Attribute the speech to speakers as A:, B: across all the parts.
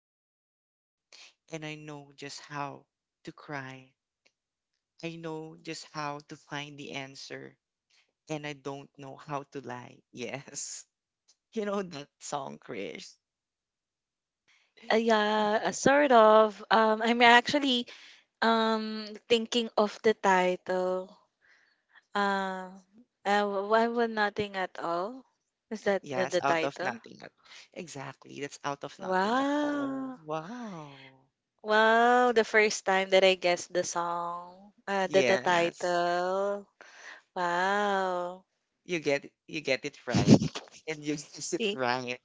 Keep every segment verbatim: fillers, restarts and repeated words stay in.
A: whisper. And I know just how to cry. I know just how to find the answer. And I don't know how to lie. Yes. You know that song, Chris?
B: Uh, yeah, uh, sort of. Um, I'm actually um thinking of the title. Uh, uh, why would nothing at all? Is that the,
A: Yes,
B: the
A: out of
B: title?
A: nothing. at- Exactly. That's out of nothing at all.
B: Wow.
A: Wow.
B: Wow, the first time that I guessed the song, uh, the, the
A: Yes.
B: title. Wow.
A: You get you get it right, and you use it
B: Eh,
A: right.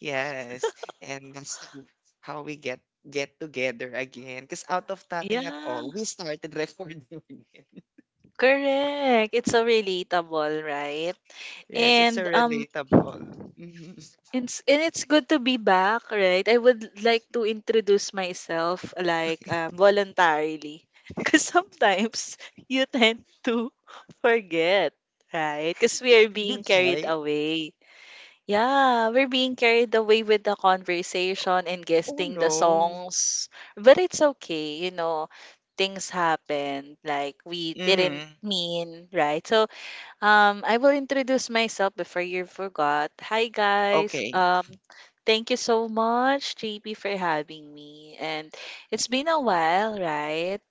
A: Yes, and that's how how we get get together again. Because out of nothing at
B: Yeah,
A: all, we started recording again.
B: correct. It's so relatable, right?
A: Yes, it's so
B: And um
A: relatable. Hmm.
B: It's, and it's good to be back, right? I would like to introduce myself like um, voluntarily. Because sometimes you tend to forget, right? Because we are being
A: Did
B: carried
A: I?
B: away. Yeah, we're being carried away with the conversation and
A: Oh
B: guessing the
A: no.
B: songs. But it's okay, you know, things happen. Like we didn't
A: Hmm.
B: mean, right? So um, I will introduce myself before you forgot. Hi guys.
A: Okay.
B: Um, thank you so much, J P, for having me. And it's been a while, right?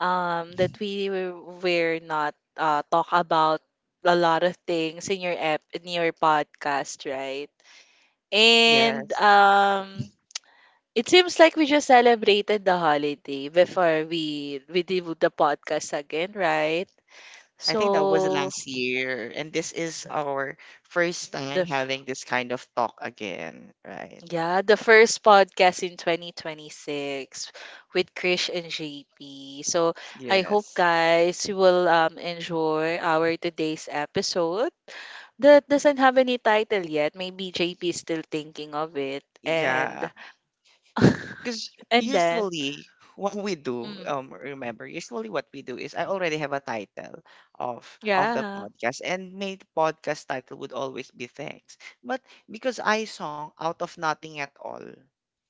B: Um, that we were were not uh talk about a lot of things in your app in your podcast, right? And
A: Yes.
B: um, it seems like we just celebrated the holiday before we we did the podcast again, right?
A: I think that was
B: So,
A: last year, and this is our first time
B: the
A: having this kind of talk again, right?
B: yeah, the first podcast in twenty twenty-six with Krish and J P. So I hope
A: Yes.
B: guys you will um enjoy our today's episode that doesn't have any title yet. Maybe J P is still thinking of it, and
A: Yeah. Because
B: and then
A: usually what we do,
B: mm,
A: um, remember, usually what we do is I already have a title of of the
B: yeah.
A: podcast, and my podcast title would always be thanks. But because I song out of nothing at all,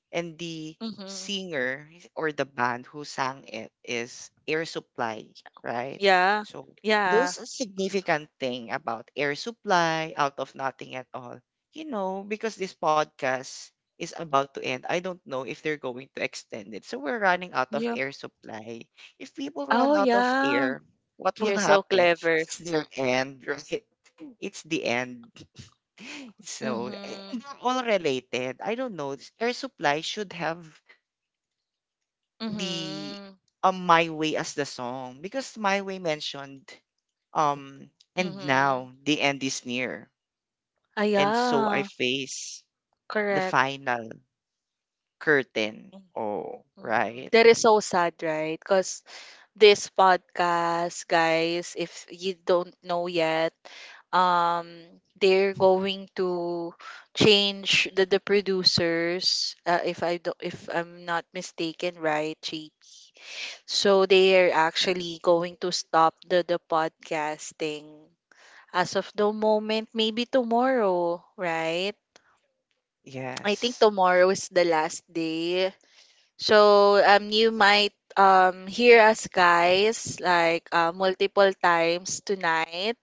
A: and the
B: Hmm.
A: singer or the band who sang it is Air Supply, right?
B: Yeah.
A: So
B: Yeah.
A: there's a significant thing about Air Supply out of nothing at all. You know, because this podcast is about to end, I don't know if they're going to extend it. So we're running out of
B: Yeah.
A: air supply. If people run
B: Oh
A: out of
B: yeah.
A: air, what will
B: You're so
A: happen?
B: clever.
A: It's their end, right? It's the end. So, eh,
B: Mm-hmm.
A: they're all related. I don't know. s- Air Supply should have the
B: Mm-hmm.
A: um, My Way as the song because My Way mentioned um and
B: Mm-hmm.
A: now the end is near
B: Ah,
A: and so I
B: yeah.
A: face the
B: Correct.
A: final curtain. Oh, right.
B: Mhm. That is so sad, right? Because this podcast, guys, if you don't know yet, um, they're going to change the, the producers, uh, if I do, if I'm not mistaken, right, Chi? So they are actually going to stop the, the podcasting as of the moment, maybe tomorrow, right? I think
A: Yes.
B: tomorrow is the last day. So um, you might um, hear us guys like uh, multiple times tonight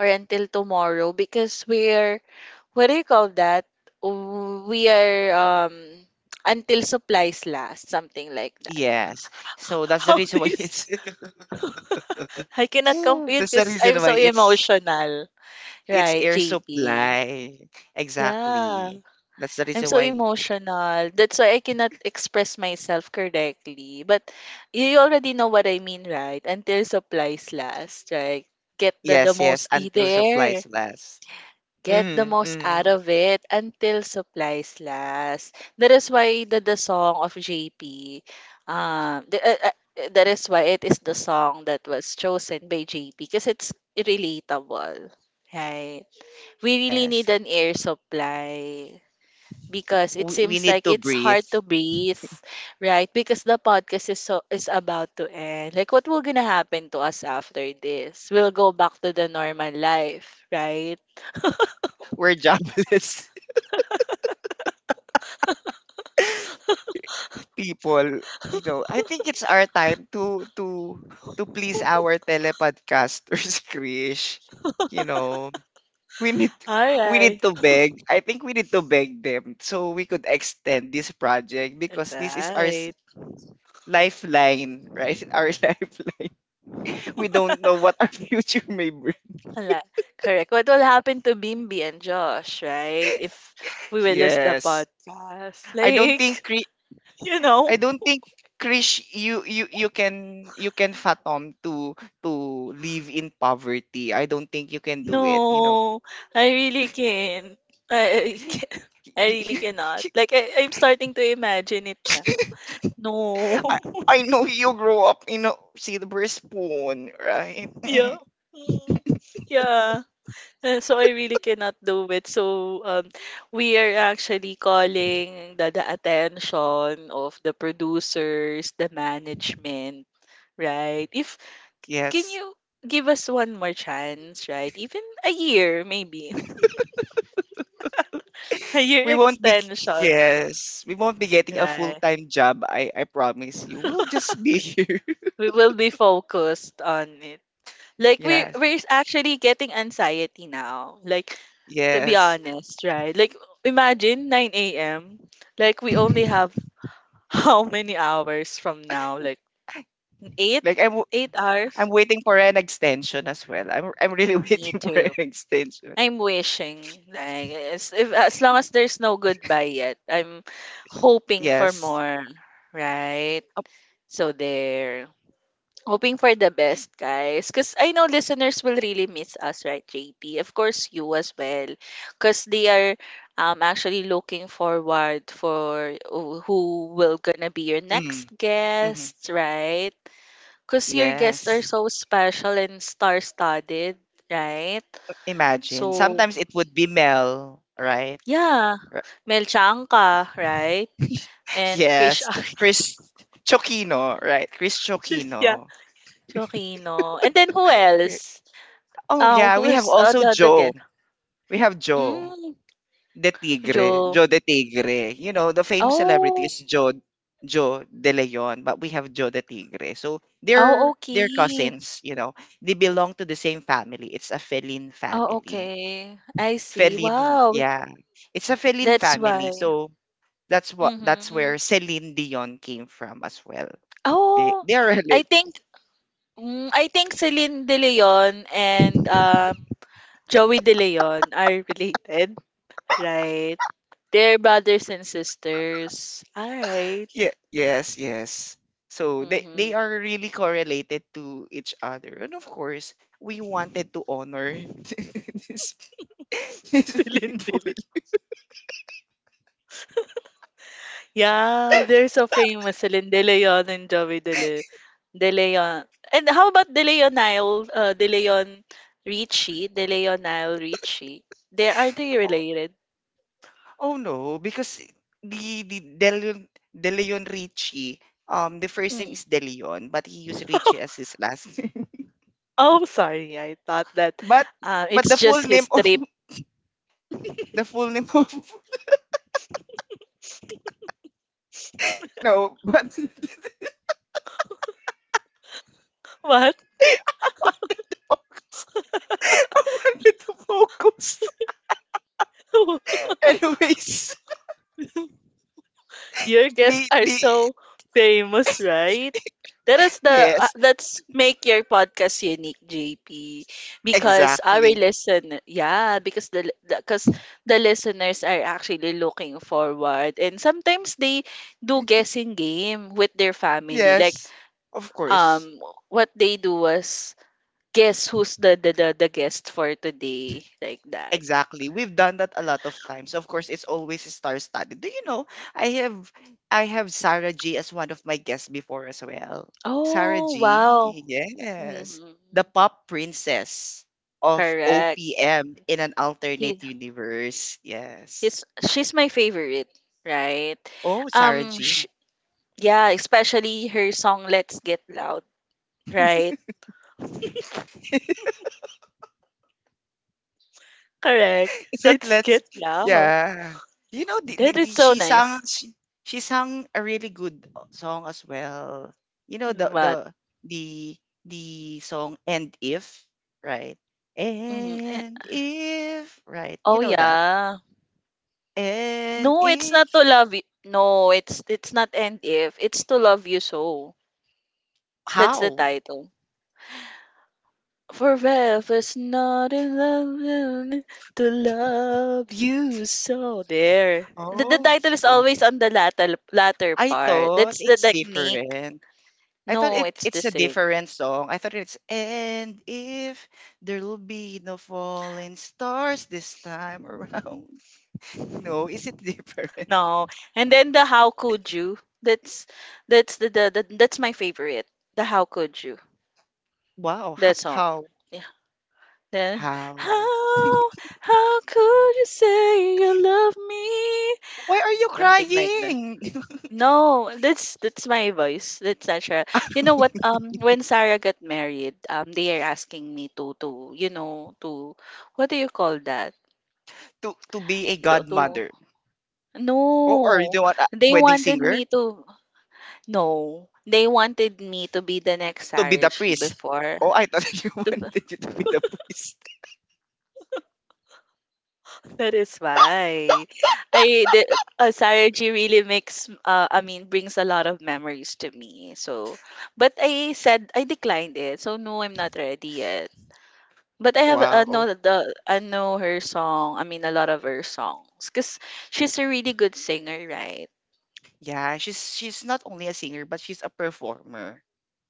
B: or until tomorrow because we're, what do you call that? W- We are um, until supplies last, something like that.
A: Yes. So that's the
B: How
A: reason why
B: this?
A: it's
B: I cannot compute
A: that's the
B: because I'm
A: reason why
B: so
A: it's
B: emotional.
A: it's
B: Right,
A: Air
B: J P?
A: Supply.
B: Yeah.
A: Exactly. That's the
B: I'm
A: reason
B: so
A: why.
B: emotional. That's why I cannot express myself correctly. But you already know what I mean, right? Until supplies last, right?
A: Yes,
B: Get
A: yes,
B: the, the
A: until
B: most eh,
A: supplies
B: there.
A: last. Mm,
B: Get the most
A: mm.
B: out of it until supplies last. That is why the, the song of J P, um, the, uh, uh, that is why it is the song that was chosen by J P because it's relatable, right? We really
A: Yes.
B: need an air supply because it
A: We, we
B: seems
A: need
B: like
A: to
B: it's
A: breathe.
B: hard to breathe, right? Because the podcast is so is about to end. Like what will gonna happen to us after this? We'll go back to the normal life, right?
A: We're jobless people. You know, I think it's our time to to to please our telepodcasters, Krish. You know, we need we need
B: Alright.
A: to beg. I think we need to beg them so we could extend this project because this is our s-
B: Right. Right.
A: lifeline, right? Our lifeline. We don't know what our future may bring.
B: Ala- Correct. What will happen to Bimbi and Josh, right? If we will lose the
A: Yes.
B: podcast.
A: I don't think
B: Like,
A: Chri-
B: you know,
A: I don't think Krish you you you can you can fathom to to live in poverty. I don't think you can do it, you know.
B: no, I really can't. I, I, can't. I really cannot. Like, I, I'm starting to imagine it.
A: I,
B: No.
A: I know you grow up in a silver spoon, right?
B: Yeah. Mm. Yeah. Uh, So I really cannot do it. So um, we are actually calling the, the attention of the producers, the management, right? If Can
A: Yes.
B: you give us one more chance, right? Even a year, maybe a year
A: We won't be
B: extension,
A: Yes, we won't be getting a
B: right?
A: full-time job. I I promise you. We'll just be here.
B: We will be focused on it. Like we
A: Yes.
B: we're actually getting anxiety now. Like, to be
A: Yes.
B: honest, right? Like imagine nine a m. Like we only have how many hours from now? Like eight,
A: Like I'm
B: eight
A: I'm
B: hours.
A: waiting for an extension as well. I'm I'm really
B: Me
A: waiting for an
B: too.
A: extension.
B: I'm wishing like, as if as long as there's no goodbye yet, I'm hoping for
A: Yes.
B: more, right?
A: Oh.
B: So there. Hoping for the best, guys. Because I know listeners will really miss us, right, J P? Of course, you as well. Because they are um, actually looking forward for who who will gonna be your next
A: Mm. Hmm.
B: guest, right? Because your guests are
A: Yes.
B: so special and star-studded, right?
A: Imagine.
B: So,
A: Sometimes it would be Mel, right?
B: yeah.
A: Ri-
B: Mel Chiang, right? And Krish
A: Yes.
B: Ar-
A: Chris Chokino, right? Chris
B: yeah,
A: Chokino.
B: Joaquino. And then who
A: Yeah.
B: else?
A: Oh
B: Um,
A: yeah, we have
B: who's uh,
A: also
B: the, the
A: Joe.
B: guest?
A: We have Joe.
B: Mm.
A: De Tigre,
B: Jewel.
A: Joe De Tigre. You know, the famous celebrity
B: Oh,
A: is Joe Joe De Leon, but we have Joe De Tigre. So
B: oh,
A: they're they're
B: okay.
A: cousins, you know. They belong to the same family. It's a feline
B: Oh,
A: family.
B: okay. I see.
A: Feline, w-
B: Wow,
A: yeah. It's a feline
B: that's
A: family.
B: why.
A: So that's what that's
B: Mm-hmm.
A: where Celine Dion came from as well. They
B: Oh,
A: they are
B: I
A: related.
B: think mm, I think Celine De Leon and um Joey De Leon are related, right? They're brothers and sisters. All right.
A: Yeah, yes, yes. So they they are
B: Mm-hmm.
A: really correlated to each other. And of course, we wanted to honor this these
B: Celine De
A: people.
B: Leon. Yeah, they're so famous. Celine De Leon and Joey De, Le- De Leon. And how about De Leon Nile, uh, De Leon Richie, De Leon Nile Richie? They are they
A: Oh,
B: related?
A: oh no, because the the De Leon, De Leon Richie, um, the first name
B: Mm.
A: is De Leon, but he used Richie as his last name.
B: Oh, sorry. I thought that,
A: But
B: uh,
A: but
B: it's
A: the full
B: just
A: name
B: his
A: of
B: trip.
A: the full name of no, but
B: What?
A: I wanted to focus. I wanted to focus. Anyways,
B: Your guests
A: the
B: are
A: the
B: so famous, right? That is the uh,
A: yes,
B: That's make your podcast unique, J P, because our
A: exactly.
B: listen, yeah, because the because the listeners are actually looking forward, and sometimes they do guessing game with their family. Like
A: Yes, of course.
B: um, what they do was guess who's the the the, the guest for today, like that.
A: Exactly. We've done that a lot of times. Of course, it's always star-studded. Do you know, I have I have Sarah G as one of my guests before as well. Sarah
B: Oh wow.
A: G,
B: Hmm.
A: yes. The pop princess of
B: Correct.
A: O P M in an
B: He
A: alternate universe. Yes.
B: He's she's my favorite, right?
A: Oh, Sarah
B: Um, sh
A: G.
B: Yeah, especially her song "Let's Get Loud," right? Correct.
A: Is that
B: Let's
A: let's
B: get loud.
A: yeah. You know, the, the,
B: That is
A: the,
B: so
A: she sang
B: nice.
A: she, she sang a really good uh, song as well. You know the the
B: But,
A: the the song And If, right?
B: mhm. Eh,
A: And if, right? You
B: Oh
A: know that.
B: yeah.
A: And
B: No, it's not
A: if
B: to love you. No, it's it's not end if. It's to love you so. That's the
A: how?
B: title. Forever's not enough to love you so. There. The, the
A: Oh,
B: title
A: y-
B: is
A: oh,
B: always on the latter, latter
A: I
B: part.
A: thought
B: That's the
A: it's
B: technique.
A: different. I thought
B: No,
A: it
B: it's the
A: it's a
B: same.
A: different song. I thought it's and if there'll be no falling stars this time around. No, is it different?
B: No. And then, the how could you? That's that's the, the, the that's my favorite. The how could you?
A: Wow, ho-
B: That song.
A: how
B: Yeah. The
A: how
B: how how could you say you love me?
A: why are you
B: Something like that.
A: crying?
B: No, that's that's my voice. That's natural.
A: Ah,
B: You know what? Um, when Sarah got married, um, they are asking me to to you know to, what do you call that?
A: to to be a
B: To, to
A: godmother. Oh, or you
B: No,
A: don't want a
B: they
A: wedding
B: wanted
A: singer
B: me to no, they wanted me to be the next
A: to be
B: Sarah
A: the
B: G
A: priest.
B: before.
A: Oh, I thought you
B: To,
A: wanted you to be the priest.
B: that is why I the uh, Sarah G really makes uh, I mean brings a lot of memories to me. So, but I said I declined it. So no, I'm not ready yet. But I have uh, know
A: Wow.
B: the I know her song. I mean, a lot of her songs, cause she's a really good singer, right?
A: Yeah, she's she's not only a singer but she's a performer,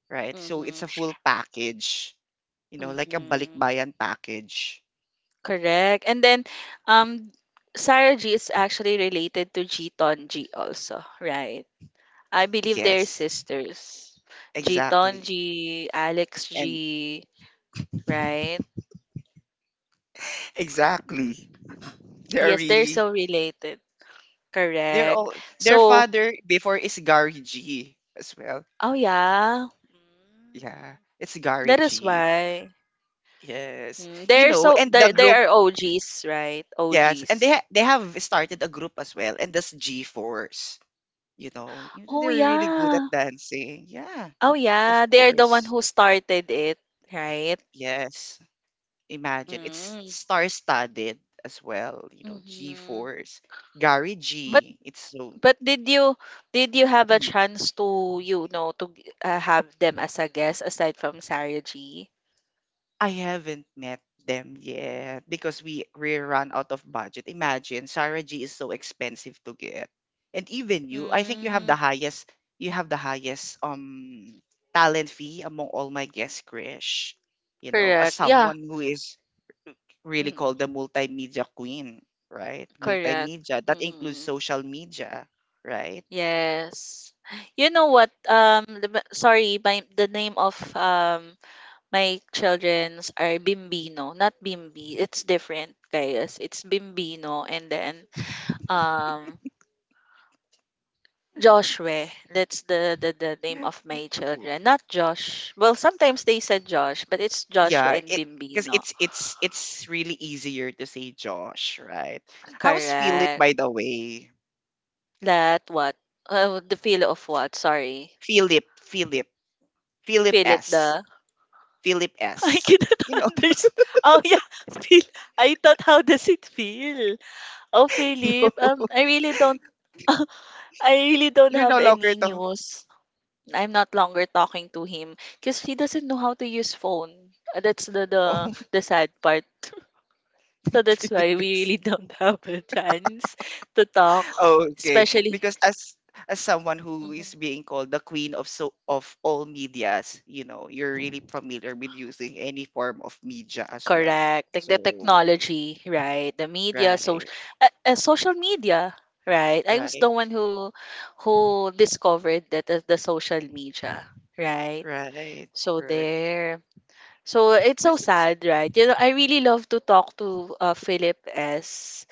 A: right? So it's
B: Mm-hmm.
A: a full package. You know, like a
B: Mm-hmm.
A: balikbayan package.
B: Correct. And then, um, Sarah G is actually related to Jiton G also, right? I believe they're
A: Yes,
B: sisters. Jiton
A: exactly.
B: G, Alex
A: And
B: G, right?
A: exactly. They are
B: Yes, they're
A: really
B: so related.
A: they're
B: Correct.
A: all their
B: So,
A: father before is Gary G as well.
B: oh yeah. Mm.
A: Yeah, it's Gary
B: That is
A: G.
B: why.
A: Yes.
B: Mm,
A: You
B: they're
A: know,
B: so
A: and the
B: they they
A: group,
B: are O Gs, right?
A: yes, and they ha
B: O Gs.
A: they have started a group as well, and that's G-Force. You know, You-
B: Oh
A: they're really good at
B: yeah.
A: dancing. Yeah,
B: Oh
A: of
B: yeah, they're the one
A: course.
B: who started it, right?
A: Yes. Imagine. It's
B: Mm.
A: star-studded as well, you know,
B: Hmm.
A: G-Force. Gary
B: But
A: G. It's so.
B: but did you did you have a
A: Mm.
B: chance to you know to g- uh, have them as a guest aside from Sarah G?
A: I haven't met them yet because we we run out of budget. Imagine Sarah G is so expensive to get. And even you, I think you have the
B: Mm.
A: highest you have the highest um talent fee among all my guests, Krish. You know, as
B: Correct. Yeah.
A: someone who is really called the
B: Mm.
A: multimedia queen, right?
B: Correct.
A: Multimedia, that includes
B: Mm.
A: social media, right?
B: Yes. You know what? Um, the- ma- sorry, my the name of um My childrens are Bimbino, not Bimbi. It's different, guys. It's Bimbino and then um Joshua. That's the, the the name of my
A: W-
B: children. Not Josh. Well, sometimes they said Josh, but it's Joshua
A: Yeah,
B: and
A: it because
B: Bimbino.
A: it's it's it's really easier to say Josh, right? How's Philip,
B: Correct.
A: by the way?
B: That what? Oh, the feel of what? Sorry.
A: Philip, Philip, Philip
B: Feel it
A: S,
B: the
A: Philip
B: I
A: S.
B: cannot
A: You know,
B: understand. Oh yeah, feel. I thought how does it feel? Oh
A: no,
B: Philip, um, I really don't. I really don't
A: you're no
B: have
A: longer
B: any
A: the.
B: news. I'm not longer talking to him because he doesn't know how to use phone. Uh, That's the the
A: Oh,
B: the sad part. So that's
A: Philip
B: why we
A: S.
B: really don't have a chance to talk,
A: Okay,
B: especially.
A: because as as someone who is
B: Mhm.
A: being called the queen of so of all medias, you know, you're really familiar with using any form of media as well.
B: Correct. Like the
A: So,
B: technology, right? The media, social,
A: right,
B: uh, uh, social media, right? I was the
A: right.
B: one who who discovered that, uh, the social media, right?
A: Right,
B: So
A: right.
B: there. So it's so
A: This was
B: sad, right? You know, I really love to talk to uh, Philip S,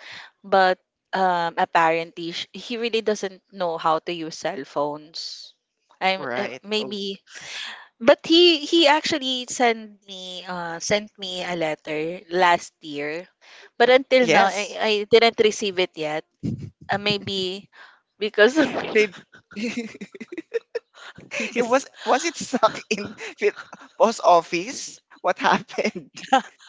B: but um, apparently sh- he really doesn't know how to use cell phones. I'm uh,
A: right. Oh,
B: Maybe, but he he actually sent me uh sent me a letter last year, but until now I,
A: yes.
B: I didn't receive it yet. Uh, maybe because of
A: Babe, it
B: because
A: was was it stuck in the post office? What happened?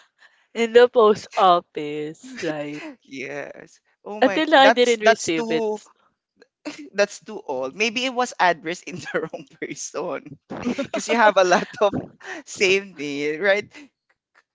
B: in the post office, right?
A: Yes. Oh
B: Until
A: my,
B: now I
A: that's
B: didn't
A: that's
B: receive it.
A: too that's too old. Maybe it was addressed in the wrong person. Because you have a lot of same name, right?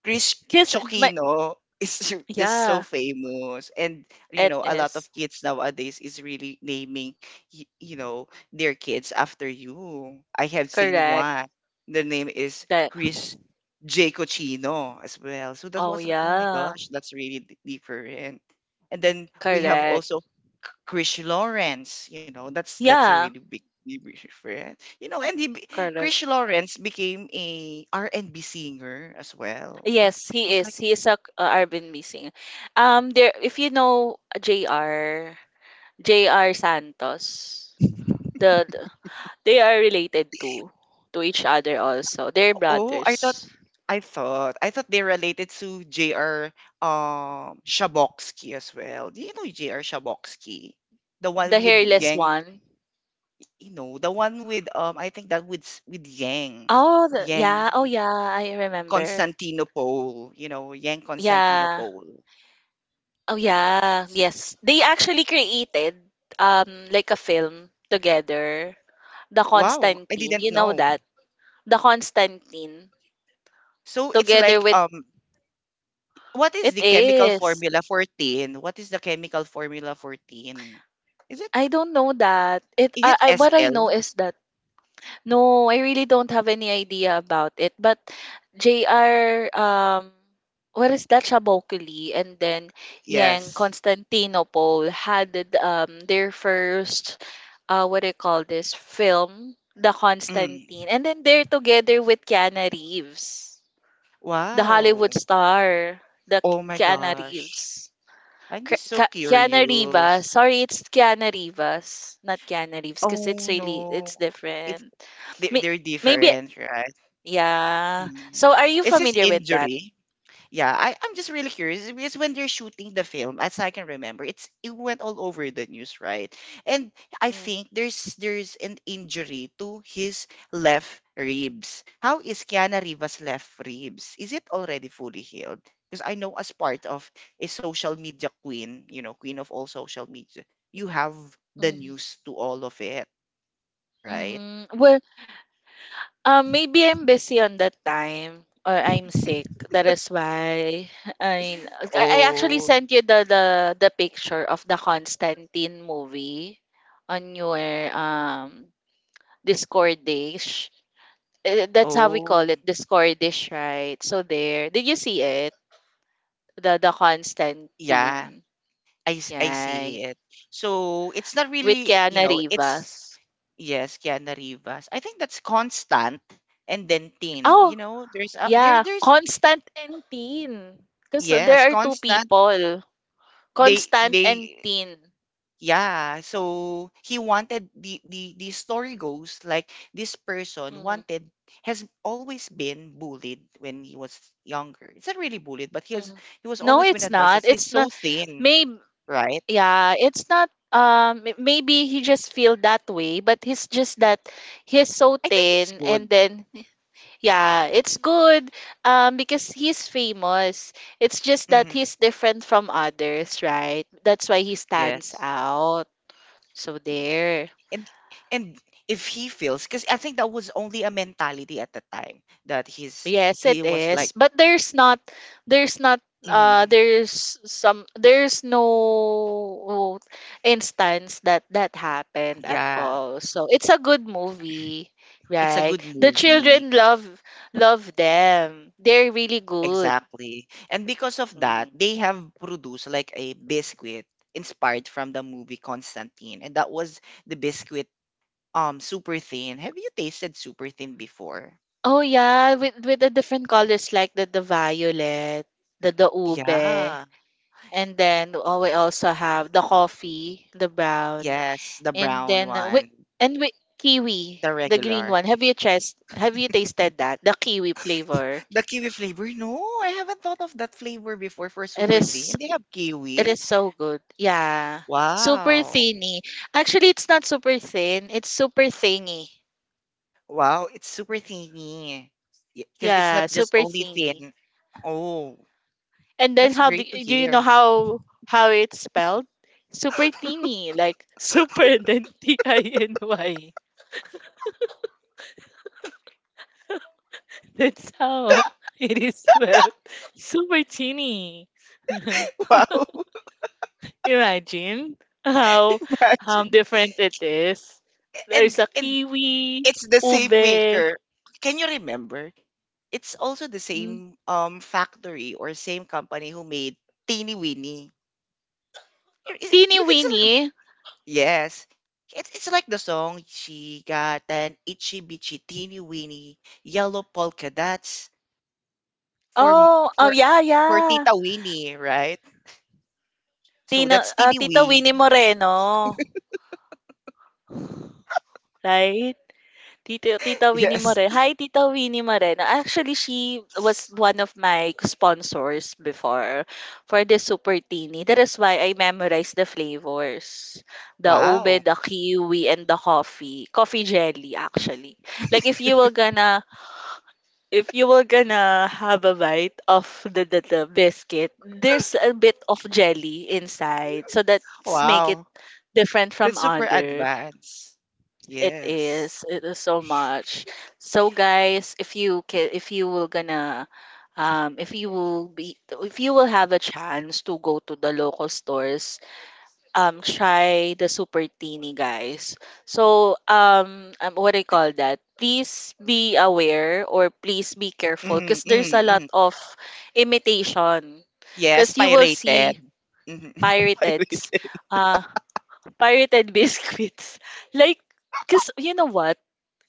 A: Chris
B: Because my
A: Chokino is just so
B: Yeah,
A: famous and you
B: it
A: know a lot of
B: is.
A: kids nowadays is really naming y- you know their kids after you. I have seen
B: Correct.
A: one, the name is
B: That
A: Chris J Cochino as well, so that
B: Oh
A: was like, oh my
B: yeah,
A: gosh, that's really d- different. And then we have
B: correct.
A: also Chris Lawrence. You know, that's that's a
B: Yeah,
A: really big difference, you know, and he be-
B: correct.
A: Chris Lawrence became a R and B singer as well. Was
B: Yes, he
A: was
B: is.
A: like
B: He is a uh, R and B singer. Um there, if you know J R, J R Santos, the, the they are related to to each other also. They're
A: oh, I thought
B: brothers.
A: I thought I thought they related to J R um Shabokski as well. Do you know J R. Shabokski? The one
B: The
A: with
B: hairless
A: Yang,
B: one.
A: you know, the one with um I think that with s- with Yang.
B: Oh, the, yeah. Oh
A: Yang
B: yeah, I remember.
A: Constantinople, you know, Yang
B: Yeah.
A: Constantinople.
B: Oh yeah, yes. They actually created um like a film together. The
A: Wow, I
B: Constantine,
A: didn't
B: you know
A: know.
B: that? The Constantine
A: So it's
B: together
A: like
B: with,
A: um what is
B: it
A: the chemical
B: is.
A: formula for tin? What is the chemical formula for tin? Is it
B: I don't know that. It
A: is
B: I,
A: it
B: I What I
A: S L?
B: know is that, no, I really don't have any idea about it. But J R, um, what is that? Shabokili, and then Yang
A: Yes.
B: Constantinople had um their first, uh what do you call this film, The Constantine,
A: Mm.
B: and then they're together with Keanu Reeves, the Hollywood
A: Wow.
B: star, the
A: Oh my
B: Keanu
A: gosh.
B: Reeves.
A: I'm just
B: Ke-
A: so
B: Ke- Keanu Rivas.
A: curious.
B: Sorry, it's Keanu Rivas, not Keanu Reeves, because
A: Oh
B: it's really
A: no.
B: it's
A: It's
B: different.
A: they-
B: May-
A: they're
B: Maybe,
A: different, right?
B: yeah.
A: Mm.
B: So are you
A: Is this
B: familiar with that?
A: injury? Yeah, I, I'm just really curious because when they're shooting the film, as I can remember, it's it went all over the news, right? And I
B: Mm,
A: think there's there's an injury to his left ribs. How is Kiana Rivas' left ribs? Is it already fully healed? Because I know as part of a social media queen, you know, queen of all social media, you have the
B: mhm,
A: news to all of it, right?
B: mhm. Well, um, maybe I'm busy on that time, or I'm sick. That is why I I I actually
A: Oh,
B: sent you the the the picture of the Constantine movie on your um Discordish. Eh, That's how we
A: oh,
B: call it, Discordish, right? So there. Did you see it? The the
A: yeah.
B: Constantine.
A: I, s- I
B: Yeah.
A: see it. So it's not
B: With
A: really, you
B: Keanu
A: know, it's
B: Rivas.
A: yes, Kiana Rivas. I think that's constant and then thin.
B: Oh,
A: You know, there's a, there
B: yeah,
A: there's
B: Constant and Tin. Because
A: yes,
B: there are two
A: constant.
B: people,
A: They
B: Constant and
A: they
B: Tin.
A: yeah. So he wanted the the the story goes like this person
B: Hmm.
A: wanted has always been bullied when he was younger. It's not really bullied, but he has
B: Hmm.
A: he was
B: No,
A: always been
B: it's
A: advised
B: not.
A: as he's
B: It's
A: so
B: not.
A: thin,
B: Maybe,
A: right?
B: yeah, it's not. Um, m- maybe he just feel that way, but he's just that he's so
A: I think it's
B: thin,
A: good.
B: and then yeah, it's good. Um, because he's famous. It's just that
A: Hmm.
B: he's different from others, right? That's why he stands
A: Yes.
B: out. So there.
A: and and if he feels, because I think that was only a mentality at the time that he's
B: Yes, it
A: he was like,
B: is. But there's not there's not uh
A: "Mm,
B: there's some there's no instance that that happened at
A: yeah,
B: all. So it's a good movie,
A: it's a
B: right?
A: good
B: The children
A: movie."
B: love love them. They're really good.
A: Exactly, and because of that
B: Mhm.
A: they have produced like a biscuit inspired from the movie Constantine, and that was the biscuit, um super thin. Have you tasted super thin before?
B: Oh yeah, with with the different colors like the the violet, the the ube,
A: Yeah.
B: and then oh, we also have the coffee, the brown.
A: Yes, the
B: And
A: brown
B: then uh, wi-
A: one.
B: and wi- kiwi,
A: The
B: the green
A: regular.
B: one. Have you chest have you tasted that? The kiwi flavor.
A: The kiwi flavor? No, I haven't thought of that flavor before for
B: It
A: super
B: is
A: thin. They have
B: it
A: kiwi.
B: is so good. Yeah. Super
A: Wow.
B: thinny. Actually, it's not super thin. It's super thingy.
A: Wow, it's super thingy. Because it's
B: Yeah,
A: not just
B: super
A: only
B: thinny.
A: thin. Oh,
B: And then
A: that's
B: how do
A: great to
B: do you
A: hear.
B: know how how it's spelled? Super thinny, like super and then T I N Y. That's how it is spelled. Super thinny.
A: Wow.
B: Imagine how um
A: Imagine.
B: different it is. There's
A: And
B: a
A: and
B: kiwi,
A: it's the same
B: ube,
A: maker. Can you remember? It's also the
B: mm,
A: same um factory or same company who made Teeny Weeny. You you-
B: teeny
A: you can still.
B: weeny.
A: Yes. It's it's like the song, she got an itchy bitchy teeny weeny yellow polka dots for m-
B: Oh, oh
A: for
B: yeah,
A: for
B: yeah.
A: Tita Winnie, right? So
B: Tina,
A: that's
B: uh,
A: teeny
B: Tita
A: ween.
B: Winnie Moreno. Right? Tito Tita Winnie
A: Yes.
B: Moreno. Hi, Tita Winnie Moreno. Actually, she was one of my sponsors before for the Super Teeny. That is why I memorized the flavors. The ube,
A: Wow.
B: the kiwi, and the coffee. Coffee jelly, actually. Like, if you were gonna, if you were gonna have a bite of the, the, the biscuit, there's a bit of jelly inside. So that's make it
A: Wow.
B: different from
A: That's super
B: other.
A: advanced.
B: It
A: Yes.
B: is. It is so much. So guys, if you can, if you will gonna, um, if you will be, if you will have a chance to go to the local stores, um, try the super teeny guys. So um, um, what do you call that? Please be aware or please be careful
A: Mm,
B: because there's a
A: mm,
B: lot
A: mm.
B: of imitation.
A: Yes,
B: Because you will
A: pirated.
B: see
A: Mhm.
B: pirated,
A: Pirated.
B: uh, pirated biscuits. Like, because you know what?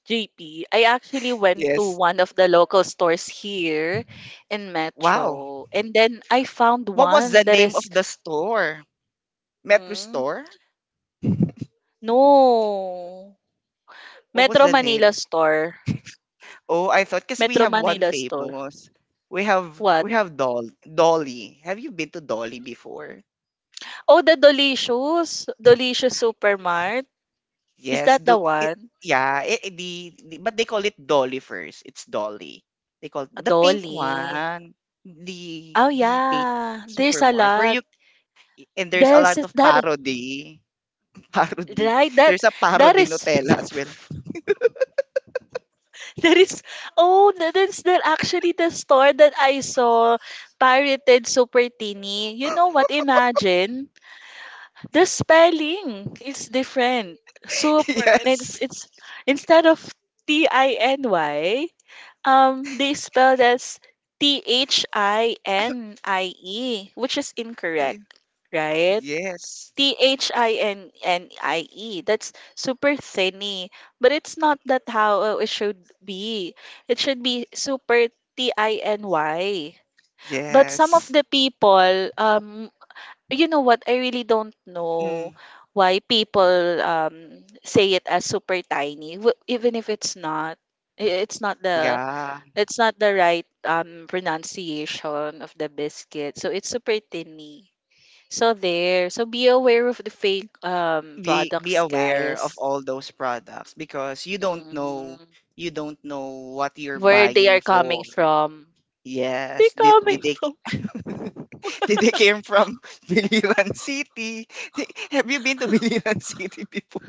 B: J P, I actually went to
A: Yes.
B: one of the local stores here in
A: Wow.
B: Metro. And then I found
A: What was
B: one
A: the
B: that
A: name of
B: is,
A: the store? Metro
B: mm,
A: store?
B: no,
A: What was
B: Metro
A: the
B: Manila
A: name?
B: store.
A: Oh, I thought because we
B: Metro
A: have one
B: Manila store.
A: famous. We have
B: What?
A: we have Doll Dolly. Have you been to Dolly before?
B: Oh, the Delicious. Delicious Supermart. Is
A: Yes.
B: that the
A: Do it,
B: one?
A: yeah. It, it- the, the but they call it Dolly first. It's Dolly. They call
B: A
A: the pink
B: Dolly.
A: one. The
B: Oh,
A: the pink
B: yeah. There's a
A: supermarket where
B: lot.
A: you, and there's a
B: There's
A: lot of
B: that,
A: parody. Parody.
B: right? That,
A: There's a
B: that
A: parody
B: is.
A: Nutella as well.
B: That is, oh, that is that actually the store that I saw, Pirated Super Teeny. You know what? Imagine the spelling is different. Super, and it's
A: Yes.
B: it's instead of T I N Y, um, they spelled as T H I N I E, which is incorrect, right?
A: Yes.
B: T H I N N I E. That's super thinny. But it's not that how it should be. It should be super T I N Y. But some of
A: Yes.
B: the people, um, you know what? I really don't know
A: Mm.
B: why people um say it as super tiny, w- even if it's not. I- It's not the
A: Yeah.
B: it's not the right um pronunciation of the biscuit. So it's super thinny. So there. So be aware of the fake um
A: be be
B: products,
A: aware of
B: guys.
A: all those products because you don't know
B: Mhm.
A: you don't know what you're
B: Where they
A: buying
B: are coming
A: for.
B: from. They
A: Yes, did,
B: coming
A: did they
B: from
A: did they came from Biliran City? They- Have you been to Biliran City before?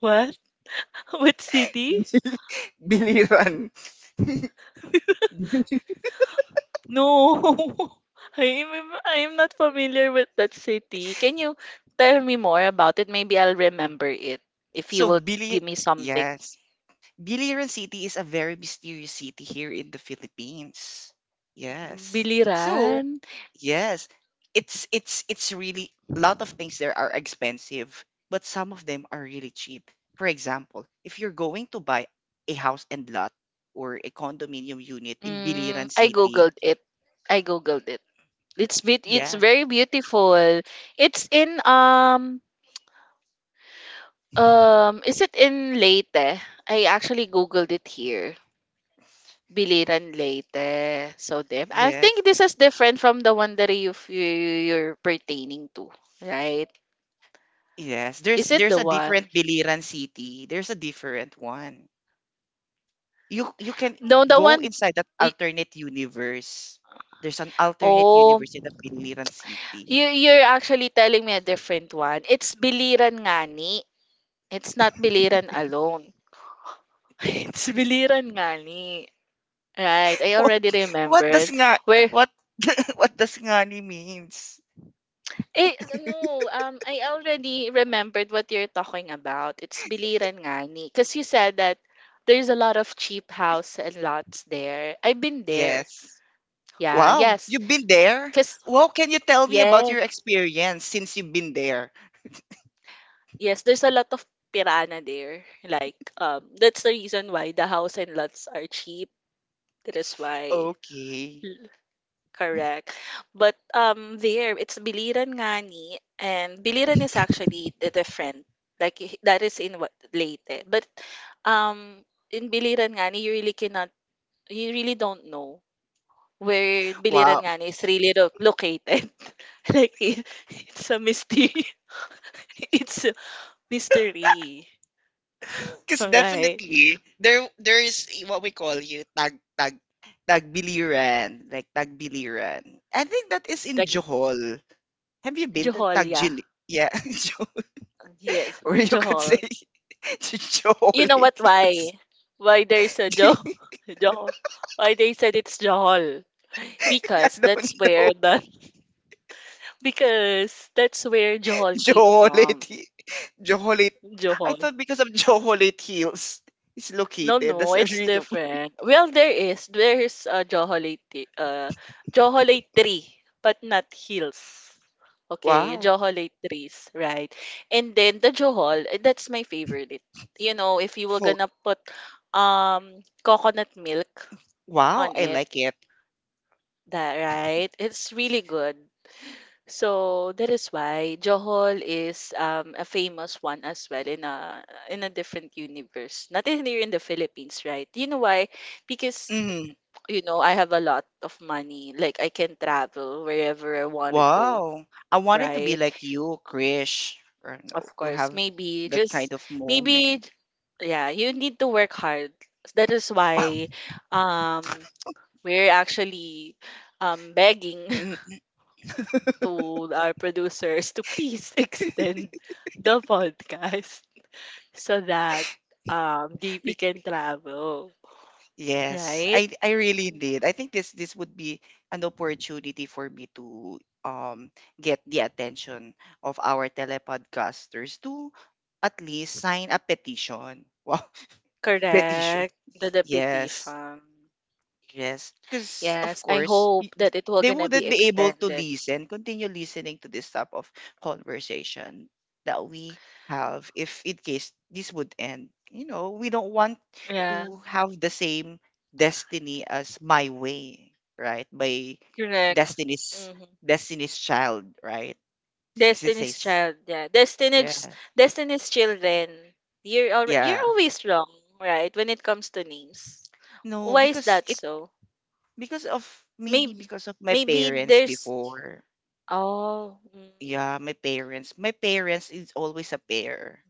B: what? What city?
A: Biliran.
B: No. I am I am not familiar with that city. Can you tell me more about it? Maybe I'll remember it if you
A: so
B: will
A: Bili
B: give me something.
A: yes. Biliran City is a very mysterious city here in the Philippines. Yes. So
B: Biliran.
A: yes. It's it's it's really, a lot of things there are expensive, but some of them are really cheap. For example, if you're going to buy a house and lot or a condominium unit in
B: Mm,
A: Biliran
B: I
A: City,
B: googled it. I googled it. It's bit it's
A: yeah.
B: very beautiful. It's in um Um, is it in Leyte? I actually googled it here. Biliran Leyte. So there. I
A: Yes.
B: think this is different from the one that you you- you're pertaining to, right?
A: Yes.
B: Is
A: There's
B: it
A: there's
B: the
A: a different
B: one?
A: Biliran City. There's a different one. You you can
B: No, the
A: go
B: one.
A: inside that
B: y-
A: alternate universe. There's an alternate
B: Oh,
A: universe in the Biliran
B: you
A: City.
B: you're actually telling me a different one. It's Biliran Ngani. It's not Biliran alone. It's Biliran Ngani. Right. I already
A: What does
B: remembered.
A: nga
B: Where
A: what what does ngani means?
B: Eh, no, um, I already remembered what you're talking about. It's Biliran Ngani. Because you said that there's a lot of cheap house and lots there. I've been there.
A: Yes.
B: Yeah,
A: Wow,
B: yes.
A: you've been there?
B: Because,
A: Wow, can you tell me
B: yeah,
A: about your experience since you've been there?
B: yes, there's a lot of pirana there. Like, um, that's the reason why the house and lots are cheap. That is why.
A: Okay.
B: Correct. But um there it's biliran nga ni and biliran is actually the different. Like i- that is in what Leyte. But um in biliran nga ni you really cannot you really don't know where biliran
A: Wow.
B: nga ni is really lo- located. Like it, it's a mystery. It's a mystery.
A: Because
B: All right.
A: definitely there there is i- what we call you tag tag tagbiliran, like tagbiliran. I think that is in
B: Like
A: Johor. Have you been to
B: Joholia.
A: Tagjili? Yeah, Johor.
B: Yes,
A: Or you could say
B: Johor.
A: Johor
B: You know what?
A: it
B: Why?
A: is.
B: Why there's a jo Johor? Why they said it's Johor?
A: I
B: Because
A: don't
B: that's
A: know.
B: where the because that's where Johor came
A: Joholate.
B: from.
A: Hi- Joholate. I
B: Johor.
A: thought because of Joholate Hills is
B: No,
A: located. That's
B: no,
A: the
B: it's
A: reason.
B: different. Well, there is there's a Joholate uh Joholate tree, but not hills. Okay,
A: Wow.
B: Joholate trees, right? And then the Johol, eh, that's my favorite. You know, if you were
A: Fo-
B: gonna put um coconut milk
A: Wow,
B: on
A: I
B: it.
A: like it.
B: That right? It's really good. So that is why Johor is um, a famous one as well in a in a different universe. Not in here in the Philippines, right? You know why? Because
A: Mhm.
B: you know I have a lot of money. Like I can travel wherever I want to go,
A: Wow. I wanted to be
B: right?
A: like you, Krish, or no,
B: Of
A: to
B: course,
A: have
B: maybe
A: that
B: just
A: kind of moment.
B: maybe yeah, you need to work hard. That is why um we're actually um begging
A: Mm.
B: to our producers to please extend the podcast so that um D P can travel.
A: Yes,
B: Right?
A: I I really did. I think this this would be an opportunity for me to um get the attention of our telepodcasters to at least sign a petition. Wow, petition.
B: Correct. The, the
A: Yes.
B: petition.
A: Yes, because of
B: Yes, I
A: course y-
B: hope
A: th-
B: that it will
A: they
B: gonna be
A: wouldn't be able to
B: extended.
A: listen, continue listening to this type of conversation that we have, if in case this would end. You know, we don't want
B: Yeah,
A: to have the same destiny as my way, right? By
B: correct.
A: Destiny's
B: Mm-hmm.
A: Destiny's Child, right? Because it
B: Destiny's
A: says,
B: Child, yeah.
A: yeah,
B: Destiny's Destiny's Children. You're al-
A: yeah.
B: you're always wrong, right? When it comes to names.
A: No,
B: Why is
A: because
B: that
A: it
B: so?
A: because of maybe
B: Maybe
A: because of my
B: maybe
A: parents
B: there's
A: before.
B: Oh, mm.
A: Yeah, my parents. My parents is always a pair.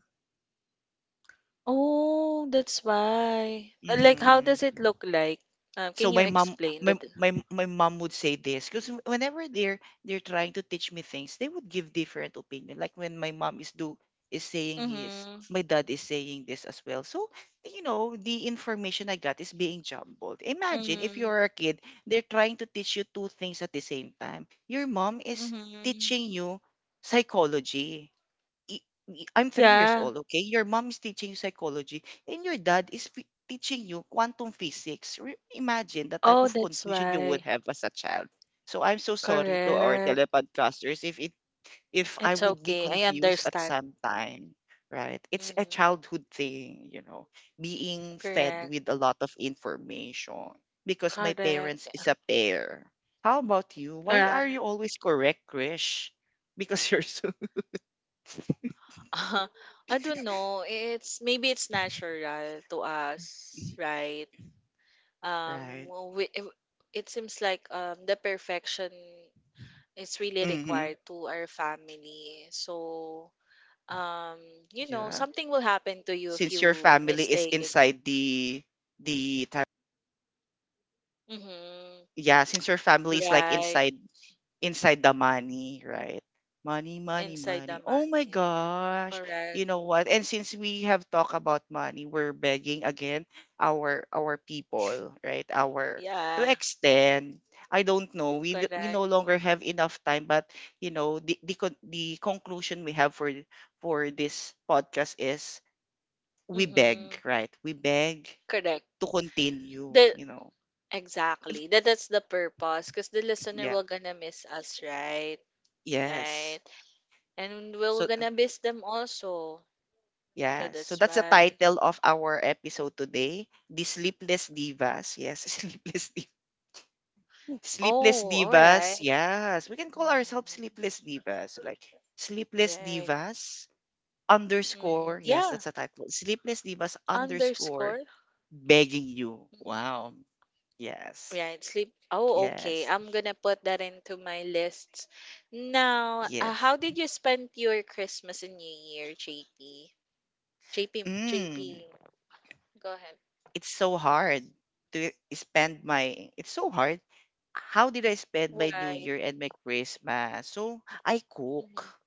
B: Oh, that's why. But, like, how
A: Mhm.
B: does it look like? Uh, can
A: So
B: you
A: my mom,
B: explain
A: my
B: that?
A: my my mom would say this because whenever they're they're trying to teach me things, they would give different opinion. Like when my mom is do is saying his,
B: Mm-hmm.
A: my dad is saying this as well. So you know, the information I got is being jumbled. Imagine if
B: Mm-hmm.
A: you're a kid, they're trying to teach you two things at the same time. Your mom is
B: Mm-hmm.
A: teaching you psychology, i- am three years
B: Yeah.
A: old, okay? Your mom is teaching you psychology and your dad is fi- teaching you quantum physics. Re- imagine the type
B: Oh,
A: of
B: that's
A: confusion you would
B: why.
A: have as a child. So I'm so sorry to our
B: Correct.
A: telepodcasters if it if I
B: It's
A: would be
B: okay. I
A: confused at
B: understand.
A: some time, right? It's a
B: Mm-hmm.
A: childhood thing, you know, being fed
B: Correct.
A: with a lot of information because my parents
B: Correct.
A: is a pair. How about you? Why
B: Yeah.
A: are you always correct, Krish? Because you're so.
B: I don't know. It's maybe it's natural to us, right? Um,
A: Right.
B: we, it it seems like um the perfection. It's really
A: Mhm,
B: required to our family. So, um, you know,
A: yeah.
B: something will happen to you if
A: Since your
B: you
A: family is
B: mistake it.
A: inside the the ta-
B: Mm-hmm.
A: yeah, since your family is like
B: Right.
A: inside inside the money, right? Money, money,
B: Inside the
A: money. Oh my
B: money.
A: gosh.
B: Correct.
A: You know what? And since we have talked about money, we're begging again our our people, right? Our, to
B: Yeah.
A: extend. I don't know. We n- we
B: Correct.
A: no longer have enough time, but you know, the the, con- the conclusion we have for for this podcast is, we
B: Mm-hmm.
A: beg, right? We beg
B: Correct.
A: to continue,
B: The
A: you know. If,
B: exactly. That that's the purpose. Because the listener
A: yeah.
B: will gonna miss us, right?
A: Yes.
B: Right. And we're
A: So
B: gonna miss them also. So
A: yes. So
B: that's
A: that's the
B: why.
A: title of our episode today. The Sleepless Divas. Yes, Sleepless Divas. Sleepless
B: Oh, all right.
A: Divas. Yes. We can call ourselves
B: Mm-hmm.
A: Sleepless Divas. Like Sleepless
B: Right.
A: Divas underscore.
B: Mm-hmm.
A: Yes, that's
B: Yeah.
A: a title. Sleepless Divas underscore
B: Underscore?
A: begging you.
B: Mhm.
A: Wow. Yes.
B: Right, sleep. Oh, okay.
A: Yes.
B: I'm gonna put that into my lists. Now, uh,
A: Yes.
B: how did you spend your Christmas and New Year, J P? JP,
A: Mm.
B: JP, go ahead.
A: It's so hard to spend my, it's so hard, how did I spend my New
B: Why?
A: Year and my Christmas? So, i
B: Mhm.
A: cook